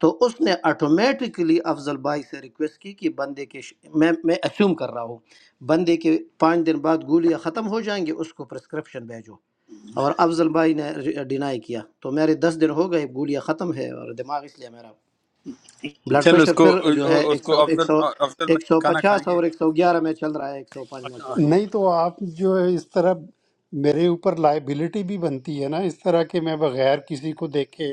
F: تو اس نے آٹومیٹکلی افضل بھائی سے ریکویسٹ کی کہ بندے کے ش- میں میں اسیوم کر رہا ہوں بندے کے پانچ دن بعد گولیاں ختم ہو جائیں گے اس کو پرسکرپشن بھیجو اور افضل بھائی نے ڈینائی کیا تو میرے دس دن ہو گئے گولیاں ختم ہے اور دماغ اس لیے میرا بلڈ
A: چلو اس
F: پریشر
A: کو
F: پھر جو ہے
A: اس
F: ایک سو
A: کو
F: ایک
A: افضل
F: سو
A: افضل
F: ایک
A: بھائی سے
F: سو
A: کھانا
F: پچاس
A: کھائیں گے
F: اور ایک سو گیارہ میں چل رہا ہے ایک سو پانچ میں
A: اچھا
F: چل رہا ہے
D: نہیں تو آپ جو ہے اس طرح میرے اوپر لائبلٹی بھی بنتی ہے نا اس طرح کہ میں بغیر کسی کو دیکھے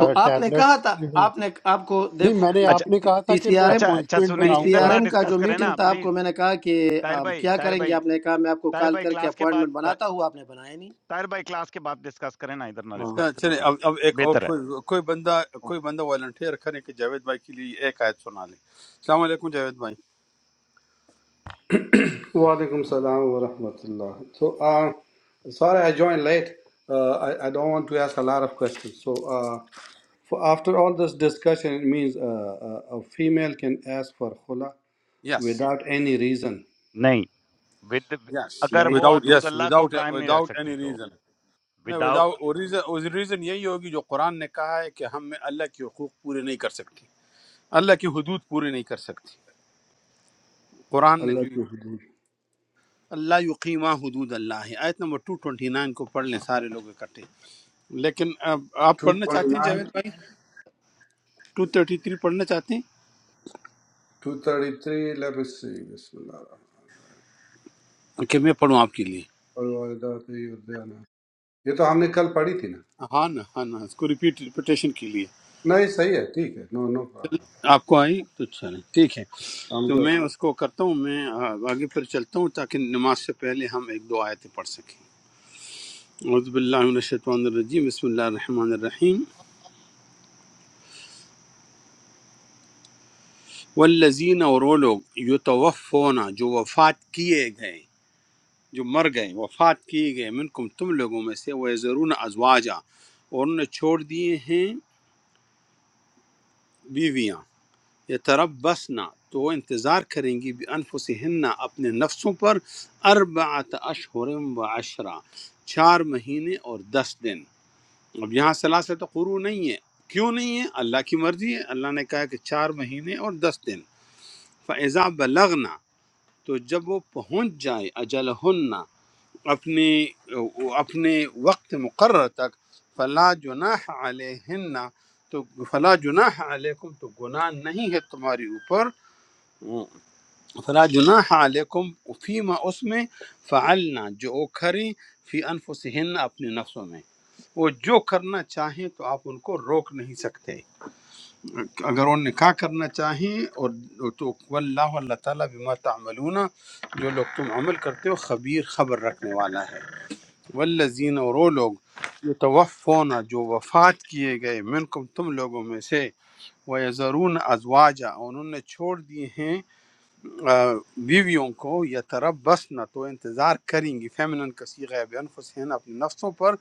F: تو آپ نے
D: ٹیبلٹس
F: کہا تھا
D: جو ہے
F: آپ نے آپ کو
D: نہیں
F: دیکھو
D: میں نے
B: اچھا
D: آپ نے کہا تھا
F: پی
D: کہ
F: سی
D: میں
F: آر ایم
B: اچھا اچھا
D: اپوائنٹمنٹ
B: سنیں
F: پی
D: بناؤں
F: سی
B: ادھر
D: گا
F: آر
B: نہ
F: ایم کا
B: ڈسکس
F: جو
B: کریں نا
F: میٹنگ تھا آپ
B: پلیز
F: کو میں نے کہا کہ
B: طاہر
F: آم،
B: بھائی
F: کیا
B: طاہر
F: کریں گے
B: بھائی
F: آپ نے کہا میں آپ کو
B: طاہر
F: کال
B: بھائی
F: کر کے
B: کلاس کے
F: اپوائنٹمنٹ
B: بعد
F: بناتا ہوں آپ نے بنایا نہیں
B: طاہر بھائی کلاس کے بعد ڈسکس کریں نا ادھر نہ
F: ہاں
A: اچھا،
B: ڈسکس کریں
A: چلیں
B: پلیز
A: اب اب ایک اور
B: بہتر ہے
A: کوئی کوئی بندہ کوئی بندہ والنٹیئر کریں کہ جاوید بھائی کے لیے ایک آیت سنا لیں السلام علیکم جاوید بھائی
G: Walaikum salam wa rahmatullah. So, uh, sorry I joined late. Uh, I, I don't want to ask a lot of questions. So, uh, for after all this discussion, it means uh, uh, a female can ask for khula
A: yes
G: without any reason.
B: نہیں with
A: yes
B: اگر
G: Right?
B: وہ
A: without
B: حدود
A: یس
B: اللہ کو
A: without
B: قائم نہیں رکھ
A: without
B: سکتی
A: any
B: تو
A: ریزن نہ
B: وداؤ
A: وداؤٹ ریزن یہی ہوگی جو قرآن نے کہا ہے کہ ہم میں اللہ کے حقوق پورے نہیں کر سکتے اللہ کی حدود پورے نہیں کر سکتے قرآن نے
G: Allah
A: جو
G: to hudud.
A: اللہ یقیمہ حدود اللہ ہے آیت نمبر 229 کو پڑھ لیں سارے لوگ اکٹھے لیکن اب آپ پڑھنا چاہتے ہیں جاوید
G: 229,
A: بھائی 233 پڑھنا چاہتے ہیں
G: 233, let me see. Bismillah.
A: کہ میں پڑھوں آپ کے لیے
G: یہ تو ہم نے کل پڑھی تھی نا
A: ہاں نا ہاں نا اس کو ریپیٹ ریپیٹیشن کے لیے
G: نہیں صحیح ہے ٹھیک ہے نو نو
A: آپ کو آئی تو چلیں ٹھیک ہے تو
G: پرابلم
A: میں اس کو کرتا ہوں میں آ، آگے پھر چلتا ہوں تاکہ نماز سے پہلے ہم ایک دو آیتیں پڑھ سکیں اعوذ باللہ من الشیطان الرجیم بسم اللہ الرحمن الرحیم والذین اور وہ لوگ یتوفون جو وفات کیے گئے جو مر گئے وفات کیے گئے منکم تم لوگوں میں سے وہ ضرور ازواجا اور انہوں نے چھوڑ دیے ہیں بیویاں یہ طرف بسنا تو وہ انتظار کریں گی بھی انفسہن اپنے نفسوں پر اربعت اشہر و عشرہ چار مہینے اور دس دن اب یہاں سلاست قرو نہیں ہے کیوں نہیں ہے اللہ کی مرضی ہے اللہ نے کہا کہ چار مہینے اور دس دن فَإِذَا بَلَغْنَا تو جب وہ پہنچ جائے اجلہن اپنے اپنے وقت مقرر تک فلا جناح علیہن تو فلا جناح علیکم تو گناہ نہیں ہے تمہاری اوپر فلا جناح علیکم فیما اس میں فعلنا جو وہ کریں فی انفسہن اپنے نفسوں میں وہ جو کرنا چاہیں تو آپ ان کو روک نہیں سکتے اگر وہ نکاح کرنا چاہیں اور تو واللہ اللہ تعالیٰ بما تعملون جو لوگ تم عمل کرتے ہو خبیر خبر رکھنے والا ہے والذین اور وہ لوگ جو توفون جو وفات کیے گئے منکم تم لوگوں میں سے وہ ضرون ازواجہ اور انہوں نے چھوڑ دیے ہیں آ، بیویوں کو یا تربس نہ تو انتظار کریں گی فیمنن کا صیغہ ہے بانفسہن اپنے نفسوں پر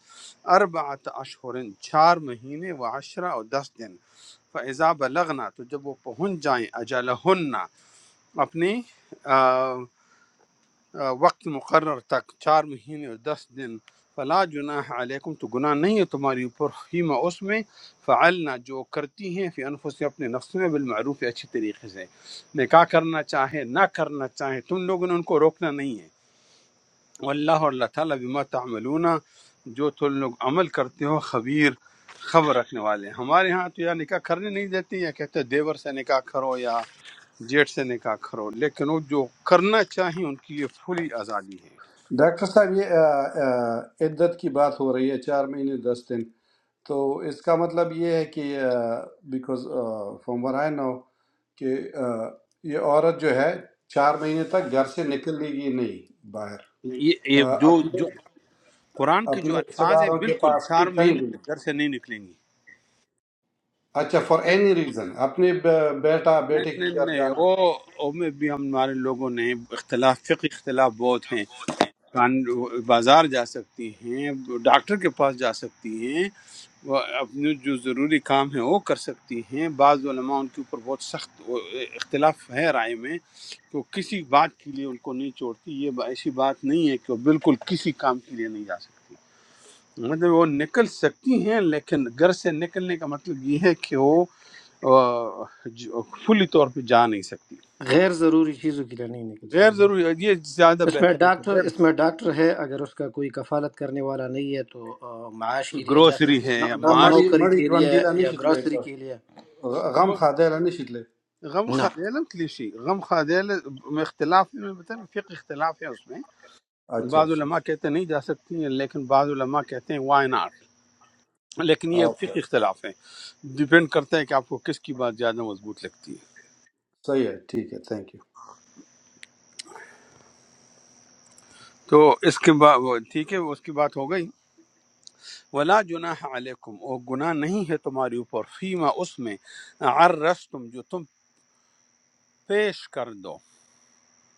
A: اربعت اشہرن چار مہینے و عشرہ اور دس دن فاذا بلغنا تو جب وہ پہنچ جائیں اجلہن اپنی آ، آ، وقت مقرر تک چار مہینے اور دس دن فلا جناح علیکم تو گناہ نہیں ہے تمہاری اوپر فیما اس میں فعلنا جو کرتی ہیں فی انفس اپنے نفس میں بالمعروف اچھے طریقے سے نکاح کرنا چاہے نہ کرنا چاہے تم لوگوں نے ان کو روکنا نہیں ہے واللہ اور اللہ تعالیٰ بما تعملون جو تم لوگ عمل کرتے ہو خبیر خبر رکھنے والے ہیں ہمارے ہاں تو یا نکاح کرنے نہیں دیتے یا کہتے ہیں دیور سے نکاح کرو یا جیٹ سے نکاح کرو لیکن وہ جو کرنا چاہیں ان کی یہ پھلی آزادی ہے
G: ڈاکٹر صاحب یہ آ، آ، عدت کی بات ہو رہی ہے چار مہینے دس دن تو اس کا مطلب یہ ہے کہ بیکاز فرام ور آئی نو کہ آ، یہ عورت جو ہے چار مہینے تک گھر سے نکلے گی نہیں باہر
A: یہ یہ
G: آ،
A: جو
G: اپنے
A: جو قرآن کے جو
G: اپنے رشتے
A: الفاظ ہیں
G: داروں کے
A: بالکل
G: پاس
A: چار
G: بھی کہیں
A: مہینے
G: بھی
A: سے
G: نہیں۔
A: گھر سے نہیں نکلیں گی
G: اچھا فار اینی ریزن اپنے ب- بیٹا
A: نہیں
G: بیٹے کی
A: نہیں
G: گھر
A: نہیں
G: جانا
A: وہ وہ میں بھی ہمارے لوگوں نے اختلاف فقہ اختلاف بہت ہیں کان بازار جا سکتی ہیں ڈاکٹر کے پاس جا سکتی ہیں وہ اپنے جو ضروری کام ہیں وہ کر سکتی ہیں بعض علماء ان کے اوپر بہت سخت وہ اختلاف ہے رائے میں تو کسی بات کے لیے ان کو نہیں چھوڑتی یہ ایسی بات نہیں ہے کہ وہ بالکل کسی کام کے لیے نہیں جا سکتی مطلب وہ نکل سکتی ہیں لیکن گھر سے نکلنے کا مطلب یہ ہے کہ وہ فلی طور پہ جا نہیں سکتی
F: غیر ضروری چیزوں کے لیے نہیں نکل
A: غیر
F: سکتی
A: ضروری یہ زیادہ
F: اس میں
A: بہتر ہے کہ
F: ڈاکٹر اس
A: غیر
F: میں ڈاکٹر ہے اگر اس کا کوئی کفالت کرنے والا نہیں ہے تو آ، معاش کے لیے جا
A: گروسری
F: سکتی ہے
A: ہے
F: نو-
A: یا
G: یا
F: نو-
G: مڑی
A: معاشی
F: نوکری
G: مڑی
F: کے
G: جوان
F: لیے
G: دیلا نہیں
F: یا
G: شتلے
F: گروسری کے لیے
G: غم
A: م-
G: خادیلا نہیں شتلے
A: غم
F: نہ
A: خادیلم کلیشی غم خادیل میں اختلاف ہے، میں بتا فقہ اختلاف ہے اس میں
G: اچھا
A: بعض
G: اچھا
A: علماء کہتے ہیں نہیں جا سکتی ہیں لیکن بعض علماء کہتے ہیں وائی ناٹ لیکن یہ
G: اوکے
A: فقہ اختلاف ہے ڈیپینڈ کرتا ہے کہ آپ کو کس کی بات زیادہ مضبوط لگتی ہے
G: صحیح ہے ٹھیک ہے تھینک یو
A: تو اس کے بعد ٹھیک ہے اس کی بات ہو گئی ولا جناح علیکم اور گناہ نہیں ہے تمہاری اوپر فیما اس میں عرس تم جو تم پیش کر دو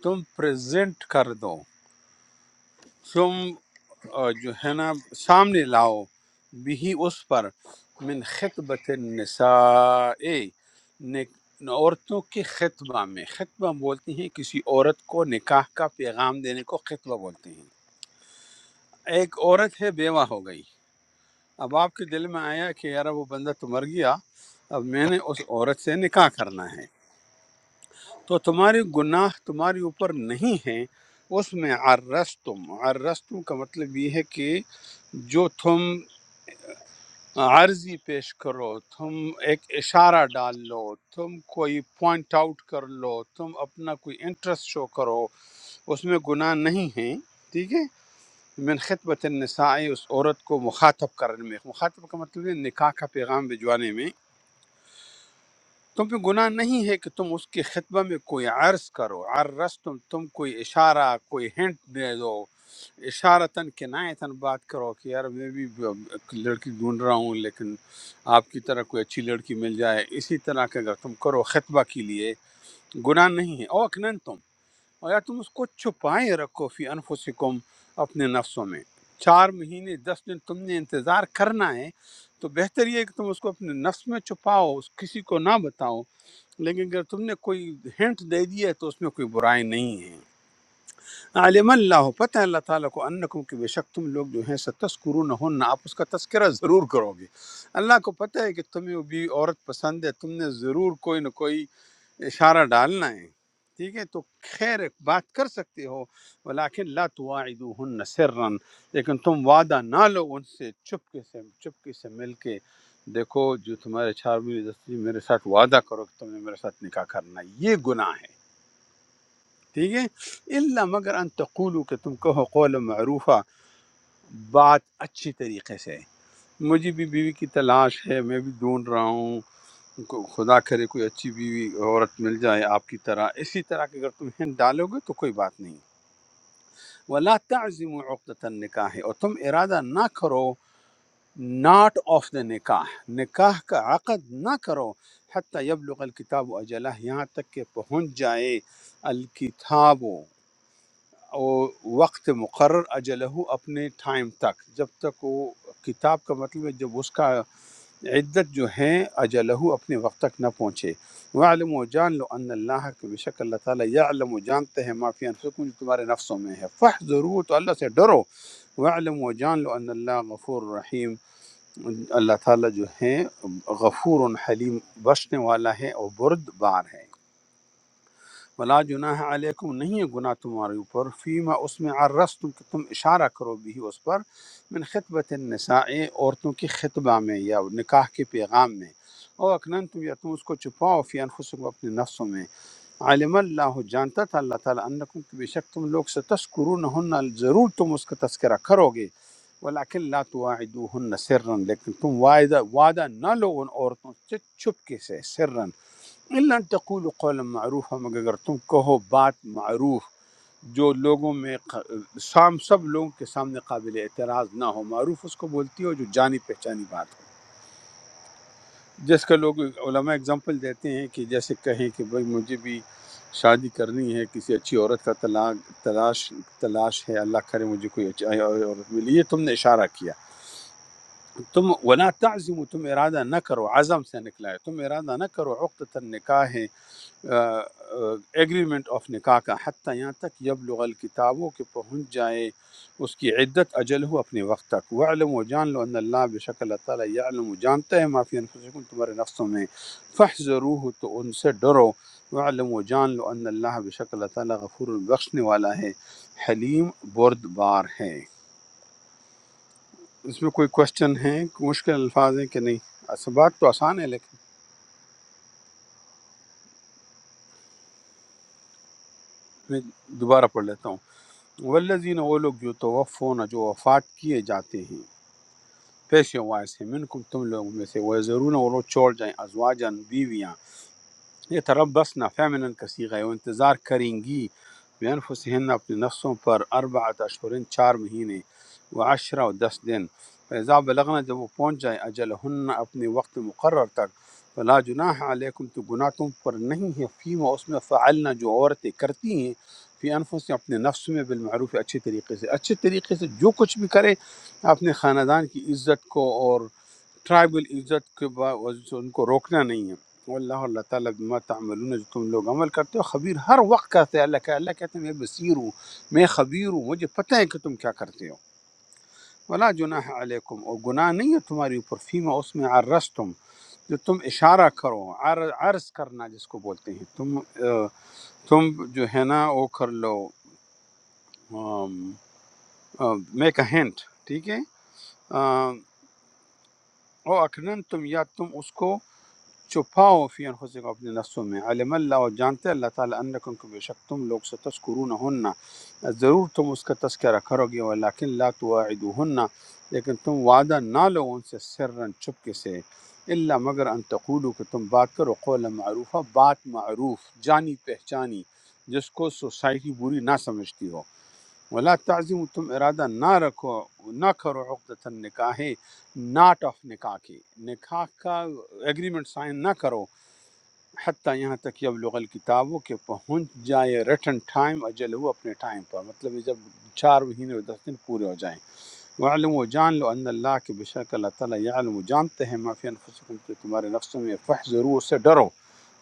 A: تم پریزنٹ کر دو تم آ، جو ہے نا سامنے لاؤ بھی اس پر من خطبت النساء نک- عورتوں کے خطبہ میں خطبہ بولتے ہیں کسی عورت کو نکاح کا پیغام دینے کو خطبہ بولتے ہیں ایک عورت ہے بیوہ ہو گئی اب آپ کے دل میں آیا کہ یار وہ بندہ تو مر گیا اب میں نے اس عورت سے نکاح کرنا ہے تو تمہارے گناہ تمہارے اوپر نہیں ہیں اس میں عرستم عرستم کا مطلب یہ ہے کہ جو تم عرضی پیش کرو تم ایک اشارہ ڈال لو تم کوئی پوائنٹ آؤٹ کر لو تم اپنا کوئی انٹرسٹ شو کرو اس میں گناہ نہیں ہیں ٹھیک ہے من خطبت النساء اس عورت کو مخاطب کرنے میں مخاطب کا مطلب ہے نکاح کا پیغام بھجوانے میں تم پہ گناہ نہیں ہے کہ تم اس کے خطبہ میں کوئی عرض کرو عرض تم تم کوئی اشارہ کوئی ہنٹ دے دو اشارتاً کنایتاً بات کرو کہ یار میں بھی ایک لڑکی ڈھونڈ رہا ہوں لیکن آپ کی طرح کوئی اچھی لڑکی مل جائے اسی طرح کا اگر تم کرو خطبہ کے لیے گناہ نہیں ہے او اکنن تم اور یا تم اس کو چھپائے رکھو فی انفسکم اپنے نفسوں میں چار مہینے دس دن تم نے انتظار کرنا ہے تو بہتر یہ ہے کہ تم اس کو اپنے نفس میں چھپاؤ اس کسی کو نہ بتاؤ لیکن اگر تم نے کوئی ہنٹ دے دی ہے تو اس میں کوئی برائی نہیں ہے عالم اللہ پتہ ہے اللہ تعالیٰ کو انکم کہ بے شک تم لوگ جو ہیں ستسکرون ہن آپ اس کا تذکرہ ضرور کرو گے اللہ کو پتہ ہے کہ تمہیں بھی عورت پسند ہے تم نے ضرور کوئی نہ کوئی اشارہ ڈالنا ہے ٹھیک ہے تو خیر بات کر سکتے ہو ولیکن لا تواعدوہن سرا لیکن تم وعدہ نہ لو ان سے چپکے سے چپکے سے مل کے دیکھو جو تمہارے چار مہینے دس دن میرے ساتھ وعدہ کرو کہ تم نے میرے ساتھ نکاح کرنا ہے۔ یہ گناہ ہے ٹھیک ہے اللہ مگر ان تقولو کہ تم کہو قول معروفہ بات اچھی طریقے سے مجھے بھی بیوی کی تلاش ہے میں بھی ڈھونڈ رہا ہوں کو- خدا کرے کوئی اچھی بیوی عورت مل جائے آپ کی طرح اسی طرح کہ اگر تم ہند ڈالو گے تو کوئی بات نہیں ولا تعظم عقدۃ النکاح اور تم ارادہ نہ کرو ناٹ آف دا نکاح نکاح کا عقد نہ کرو حتیٰ یبلغ الکتاب اجلہ یہاں تک کہ پہنچ جائے الکتاب او وقت مقرر اجلہ اپنے ٹائم تک جب تک وہ کتاب کا مطلب ہے جب اس کا عدت جو ہیں اجلہ اپنے وقت تک نہ پہنچے وعلم و جان لو ان اللہ کے بے شک اللہ تعالیٰ یعلم و جانتے ہیں معافی انفسکم جو تمہارے نفسوں میں ہے فح ضرور تو اللہ سے ڈرو وعلم و جان لو ان اللہ غفور رحیم اللہ تعالیٰ جو ہیں غفور حلیم بخشنے والا ہے اور برد بار ہے ولا جناح علیکم نہیں ہے گناہ تمہارے اوپر فیما اس میں عرس تم کہ تم اشارہ کرو بھی اس پر من خطبت النساء عورتوں کی خطبہ میں یا نکاح کے پیغام میں او اکنن تم یا تم اس کو چھپاؤ فی انفسکم اپنے نفسوں میں عالم اللہ جانتا تھا اللہ تعالیٰ انکم کہ بے شک تم لوگ سے تذکرون ضرور تم اس کا تذکرہ کرو گے ولیکن لا تواعدوہن سرن لیکن تم وعدہ وعدہ نہ لو ان عورتوں سے چھپ کے سے سرن اللہ تقول قول معروف ہم اگر تم کہو بات معروف جو لوگوں میں ق- سام سب لوگوں کے سامنے قابل اعتراض نہ ہو معروف اس کو بولتی ہو جو جانی پہچانی بات ہو جس کا لوگ علماء اگزامپل دیتے ہیں کہ جیسے کہیں کہ بھائی مجھے بھی شادی کرنی ہے کسی اچھی عورت کا طلاق تلاش تلاش ہے اللہ کرے مجھے کوئی اچھی عورت ملی یہ تم نے اشارہ کیا تم ولا تعظم تم ارادہ نہ کرو عزم سے نکلا ہے تم ارادہ نہ کرو عقد النکاح ایگریمنٹ آف نکاح کا حتیٰ یہاں تک یبلغ الکتابوں کے پہنچ جائے اس کی عدت اجل ہو اپنے وقت تک وعلم و جان لو ان اللہ بے شک اللہ تعالیٰ یعلم و جانتا ہے معافی انفسکم تمہارے نفسوں میں فح تو ان سے ڈرو وعلم و جان لو ان اللہ بے شک اللہ تعالیٰ غفور بخشنے والا ہے حلیم بردبار ہے اس میں کوئی کوشچن ہے مشکل الفاظ ہیں کہ نہیں اس- بات تو آسان ہے لیکن میں دوبارہ پڑھ لیتا ہوں والذین وہ لوگ جو توفون جو وفات کیے جاتے ہیں پیش وائس ہیں منکم تم لوگوں میں سے وہ ضرور وہ لوگ چھوڑ جائیں ازواجن بیویاں یہ تربصنا فیمنن کا صیغہ ہے وہ انتظار کریں گی بینفسہن اپنے نفسوں پر اربعۃ اشہرن چار مہینے و عشرہ و دس دن فیضا بلغنا جب وہ پہنچ جائیں اجلہن اپنے وقت مقرر تک فلا جناح علیکم تو گناہ تم پر نہیں ہے فیما اس میں فعلنا جو عورتیں کرتی ہیں فی انفس اپنے نفس میں بالمعروف اچھے طریقے سے اچھے طریقے سے جو کچھ بھی کرے اپنے خاندان کی عزت کو اور ٹرائبل عزت کے باوجود ان کو روکنا نہیں ہے واللہ اللہ تعالیٰ بما تعملون جو تم لوگ عمل کرتے ہو خبیر ہر وقت کہتے ہیں اللہ کا اللہ کہتے ہیں میں بصیر ہوں میں خبیر ہوں مجھے پتہ ہے کہ تم کیا کرتے ہو ولا جناح علیکم اور گناہ نہیں ہے تمہاری اوپر فیما اس میں عرس تم جو تم اشارہ کرو عر- عرض کرنا جس کو بولتے ہیں تم آ، تم جو ہے نا وہ کر لو میک اے ہینٹ ٹھیک ہے آ، او اکنن تم یا تم اس کو چھپاؤ فی انفسکم اپنے نفسوں میں علم اللہ اور جانتے اللہ تعالیٰ انکم کو بے شک تم لوگ سے تذکرون ہننا ضرور تم اس کا تذکرہ کرو گے ولیکن لا تواعدوہن لیکن تم وعدہ نہ لو ان سے سرن چپکے سے اللہ مگر ان تقولو کہ تم بات کرو قول معروفہ بات معروف جانی پہچانی جس کو سوسائٹی بری نہ سمجھتی ہو ولا تعظیم تم ارادہ نہ رکھو نہ کرو عقدت النکاح ناٹ آف نکاح کی نکاح کا ایگریمنٹ سائن نہ کرو حتیٰ یہاں تک کہ اب لغل کتابوں کے پہنچ جائے ریٹن ٹائم اجل ہو اپنے ٹائم پر مطلب یہ جب چار مہینے اور دس دن پورے ہو جائیں وعلم و جان لو ان اللہ کے بے شک اللہ تعالیٰ یعلم و جانتے ہیں معافی انفسکم کہ تمہارے نفسوں میں فح ضرور سے ڈرو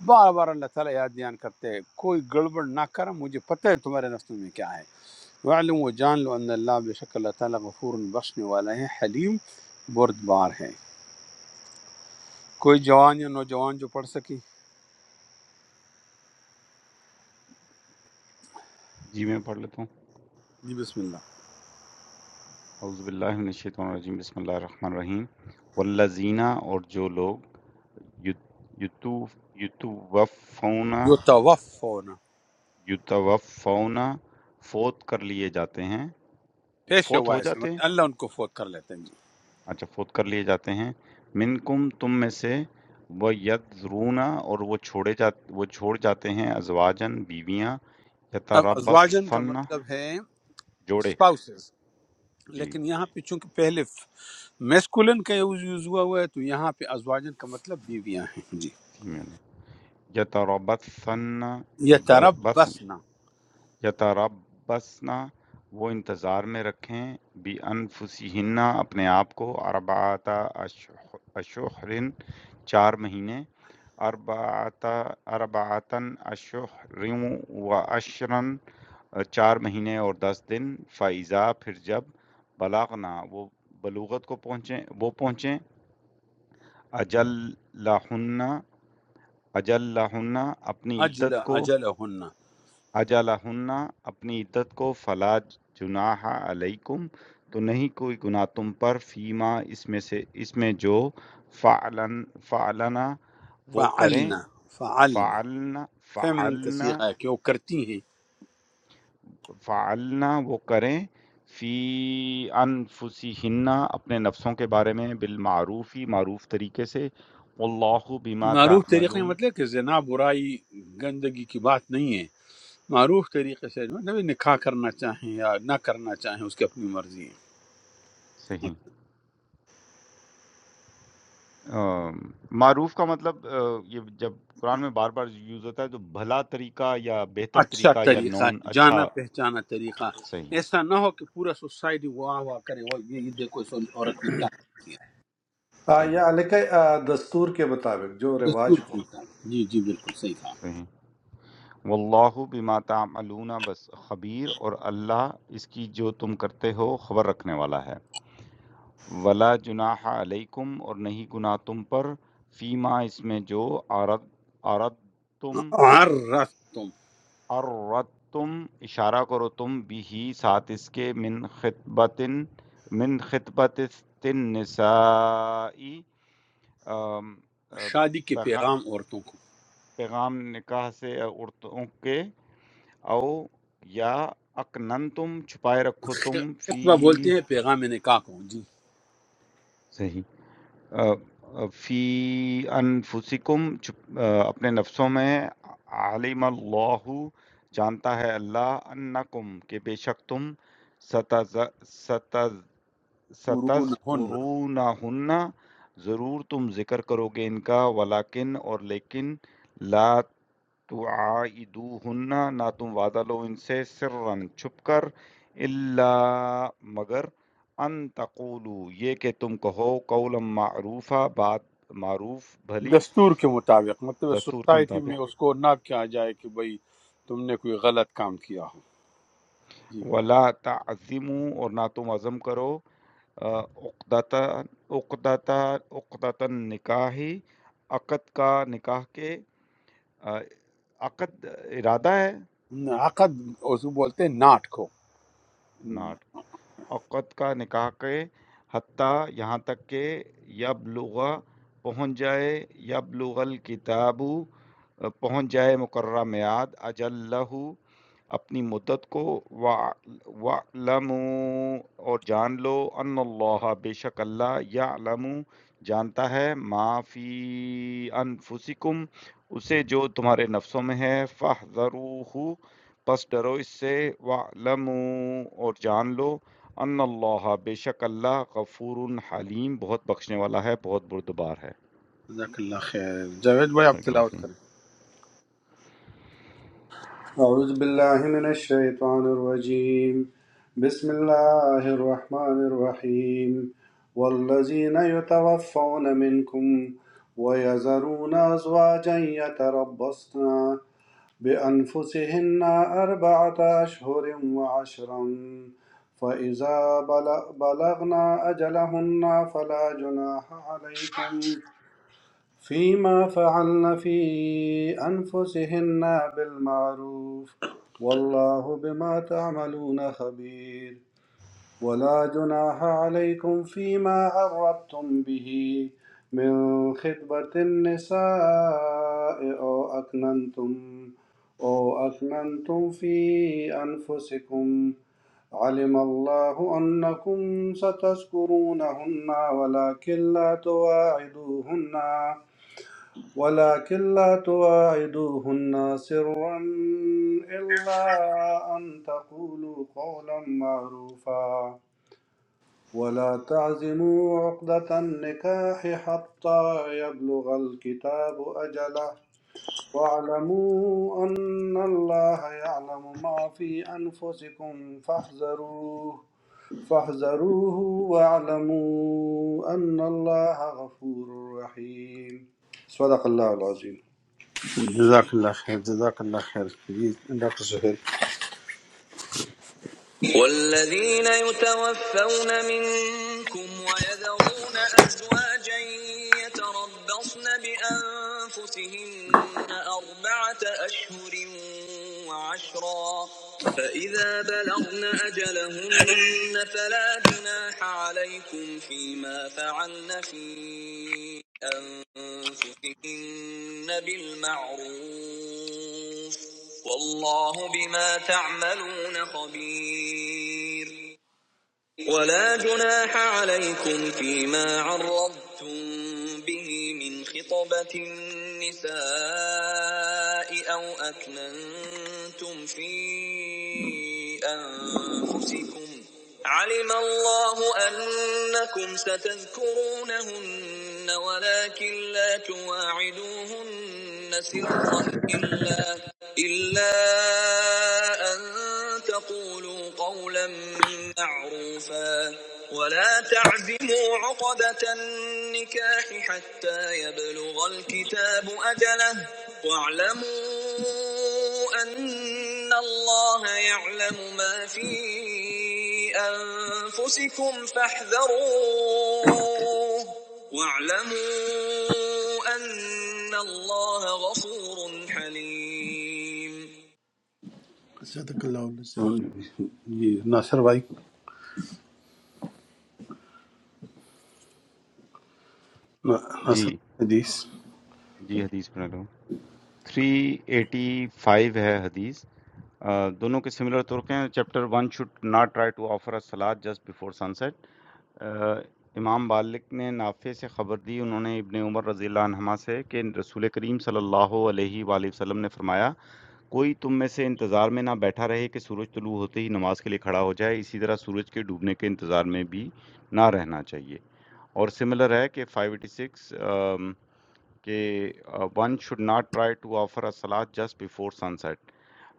A: بار بار اللہ تعالیٰ یاد دھیان کرتے ہیں کوئی گڑبڑ نہ کرم مجھے پتہ ہے تمہارے نفسوں میں کیا ہے وعلم و جان لو ان اللہ بے شک اللہ تعالیٰ غفور بخشنے والا ہے حلیم بردبار ہے کوئی جوان یا نوجوان جو پڑھ سکے
B: جی میں پڑھ لیتا ہوں
A: جی بسم اللہ
B: اعوذ باللہ من الشیطان الرجیم بسم اللہ الرحمن الرحیم والذین اور جو لوگ یتوفون
A: جو توف ہونا
B: یتوفون فوت کر لیے جاتے ہیں
A: پیش
B: فوت
A: ہوا
B: ہو
A: ہے
B: جاتے ہیں
A: اللہ ان کو فوت کر لیتے ہیں جی
B: اچھا فوت کر لیے جاتے ہیں منکم تم میں سے وہ یذرون اور وہ چھوڑے جاتے وہ چھوڑ جاتے ہیں ازواجن بیویاں
A: اب ازواجن کا
B: یتربصن
A: مطلب ہے
B: جوڑے
A: spouses
B: جی
A: لیکن یہاں پہ چونکہ پہلے میسکولن کا یوز یوز ہوا ہوا ہے تو یہاں پہ ازواجن کا مطلب بیویاں ہیں جی
B: فیمیل یتربصن
A: یہ طرف
B: بس
A: بسنا
B: یتربصن وہ انتظار میں رکھیں بِأَنفُسِہِنَّ اپنے آپ کو اربعۃ اشہر چار مہینے اربعۃ اربعتن اشہر و عشرن چار مہینے اور دس دن فائزہ پھر جب بلاغنا وہ بلوغت کو پہنچیں وہ پہنچیں اجل لاہن اجل لاہن اپنی
A: اجل
B: عدت کو
A: اجل ہننا
B: اجلہن اپنی عدت کو فلا جناح علیکم تو نہیں کوئی گناہ تم پر فیما اس میں سے اس میں جو فعلن فعلنا وہ کریں
A: فعلنا فعلنا
B: فعلنا
A: فیمنن کا
B: فعلنا
A: سیغہ ہے کہ وہ کرتی ہیں
B: فعلنا وہ کریں فی انفسہن اپنے نفسوں کے بارے میں بالمعروفی معروف طریقے سے اللہ بما
A: معروف طریقے کا
B: تعملون
A: مطلب ہے کہ زنا برائی گندگی کی بات نہیں ہے معروف طریقے سے مطلب نکاح کرنا چاہیں یا نہ کرنا چاہیں اس کی اپنی مرضی ہے
B: صحیح آ، معروف کا مطلب آ، یہ جب قرآن میں بار بار یوز ہوتا ہے تو بھلا طریقہ یا بہتر
A: اچھا
B: طریقہ یا
A: طریقہ
B: نون
A: ہے
B: اچھا
A: جانا پہچانا طریقہ
B: صحیح
A: ایسا نہ ہو کہ پورا سوسائٹی واہ واہ کرے وہ یہ یہ دیکھو اس عورت نے کیا کر دیا
G: آ،
B: صحیح
G: یا علیہ آ، دستور کے مطابق جو
A: دستور
G: رواج ہو
A: ٹوٹا جی جی بالکل صحیح
B: صحیح واللہ بما تعملون بس خبیر اور اللہ اس کی جو تم کرتے ہو خبر رکھنے والا ہے ولا جناح علیکم اور نہیں گناہ تم پر فیما اس میں جو عرض عرض تم
A: کہا عرفتم
B: اردتم اشارہ کرو تم بھی ساتھ اس کے من خطبت من خطبت النسائی ام، ا،
A: شادی کے
B: پیغا-
A: پیغام عورتوں کو
B: پیغام نکاح سے عورتوں کے او یا اکنن تم چھپائے رکھو تم فی
A: خطبہ بولتے ہیں پیغام نکاح کو جی
B: صحیح آ، آ، فِي أَنفُسِكُم چُپ آ، اپنے نفسوں میں عَلِمَ اللّٰهُ جانتا ہے اللہ أَنَّکُم کہ بے شک تم ستز ستز
A: قرون ہن
B: سَتَذْکُرُونَہُنَّ ضرور تم ذکر کرو گے ان کا وَلَکِن اور لیکن لا تُوعِدُوهُنَّ نہ تم وعدہ لو ان سے سرًّا چھپ کر الا مگر ان تقولوا یہ کہ تم کہو قولا معروفا بات معروف بھلی
A: دستور کے مطابق مطلب
B: دستور کے
A: سوسائٹی میں
B: مطابق
A: اس کو نہ کیا جائے کہ بھئی تم نے کوئی غلط کام کیا ہو جی
B: ولا تعزموا اور نہ تم عزم کرو عقدتا عقدتا عقدتا نکاحی عقد کا نکاح کے آ، عقد ارادہ ہے
A: عقد اسے بولتے ہیں ناٹ کو
B: ناٹ عقد کا نکاح کے حتیٰ یہاں تک کہ یبلغ پہنچ جائے یبلغ الکتاب پہنچ جائے مقررہ میعاد اجلہ اپنی مدت کو وَعْلَمُوا اور جان لو ان اللہ بے شک اللہ یعلم جانتا ہے ما فی انفسکم اسے جو تمہارے نفسوں میں ہے فَاحْذَرُوهُ پس ڈرو اس سے وَعْلَمُوا اور جان لو ان اللہ بے شک اللہ غفور حلیم بہت بخشنے والا ہے بہت بردبار ہے
A: جزاک اللہ خیر جاوید بھائی آپ
B: صدق اللہ
A: تلاوت
B: عظیم۔
A: کریں
G: اعوذ باللہ من الشیطان الرجیم بسم اللہ الرحمن الرحیم والذین یتوفون منکم ویذرون ازواجا یتربصن بانفسهن اربعة اشہر وعشرا فإذا بل- بلغنا أجلهن فلا جناح عليكم فيما فعلن في أنفسهن بالمعروف والله بما تعملون خبير ولا جناح عليكم فيما عرضتم به من خطبة النساء أو أكننتم أو أكننتم في أنفسكم علم الله أنكم ستذكرونهن ولكن لا تواعدوهن ولكن لا تواعدوهن سرا إلا أن تقولوا قولا معروفا ولا تعزموا عقدة النكاح حتى يبلغ الكتاب أجله واعلموا أن الله يعلم ما في أنفسكم فاحذروه فاحذروه واعلموا أن الله غفور رحيم صدق الله العظيم
A: جزاک اللہ خیر جزاک اللہ خیر جی ڈاکٹر سہیل
C: والذين يتوفون منكم ويذرون أزواجا يتربصن بأنفسهن أربعة أشهر وعشرا فإذا بلغن أجلهن فلا جناح عليكم فيما فعلن في أنفسهن بالمعروف والله بما تعملون خبير ولا جناح عليكم فيما عرضتم به من خطبة النساء أو أكننتم في أنفسكم علم الله أنكم ستذكرونهن ولكن لا تواعدوهن سرا إلا إلا أن تقولوا قولا معروفا ولا تعزموا عقدة النكاح حتى يبلغ الكتاب أجله واعلموا أن الله يعلم ما في أنفسكم فاحذروه واعلموا أن الله غفور حليم جزاك الله كل شيء
A: جی ناصر بھائی
B: جی
A: ناصر بھائی حدیث
B: جی حدیث میں تھری ایٹی فائیو ہے حدیث آ، دونوں کے سملر طرق ہیں chapter one should not try to offer a سلاد just before sunset Imam Malik نے نافع سے خبر دی انہوں نے ابن عمر رضی اللہ عنہما سے کہ رسول کریم صلی اللہ علیہ وآلہ وسلم نے فرمایا کوئی تم میں سے انتظار میں نہ بیٹھا رہے کہ سورج طلوع ہوتے ہی نماز کے لیے کھڑا ہو جائے اسی طرح سورج کے ڈوبنے کے انتظار میں بھی نہ رہنا چاہیے اور سملر ہے کہ 586 um, کہ one should not try to offer a سلاد just before sunset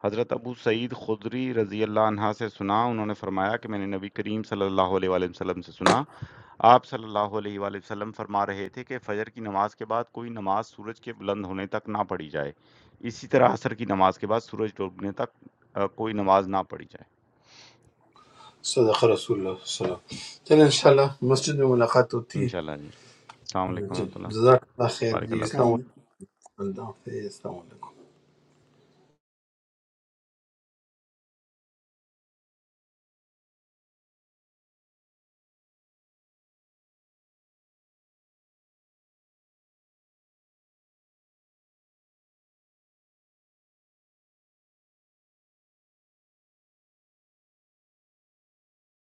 B: Hazrat Abu سعید خدری رضی اللہ عنہ سے سنا انہوں نے فرمایا کہ میں نے نبی کریم صلی اللہ علیہ وآلہ وسلم سے سنا آپ صلی اللہ علیہ وآلہ وسلم فرما رہے تھے کہ فجر کی نماز کے بعد کوئی نماز سورج کے بلند ہونے تک نہ پڑھی جائے اسی طرح عصر کی نماز کے بعد سورج ڈوبنے تک آ، کوئی نماز نہ پڑھی جائے
A: صدق رسول اللہ صلی اللہ علیہ وسلم چلیں انشاءاللہ مسجد میں ملاقات ہوتی
B: انشاءاللہ جی السلام
A: ہے
B: علیکم
A: جی
B: ورحمۃ اللہ
A: جزاک اللہ خیر
B: بارک
A: جی
B: اللہ
A: اسلام
B: فیض
C: Sound
A: علیکم اللہ حافظ السلام علیکم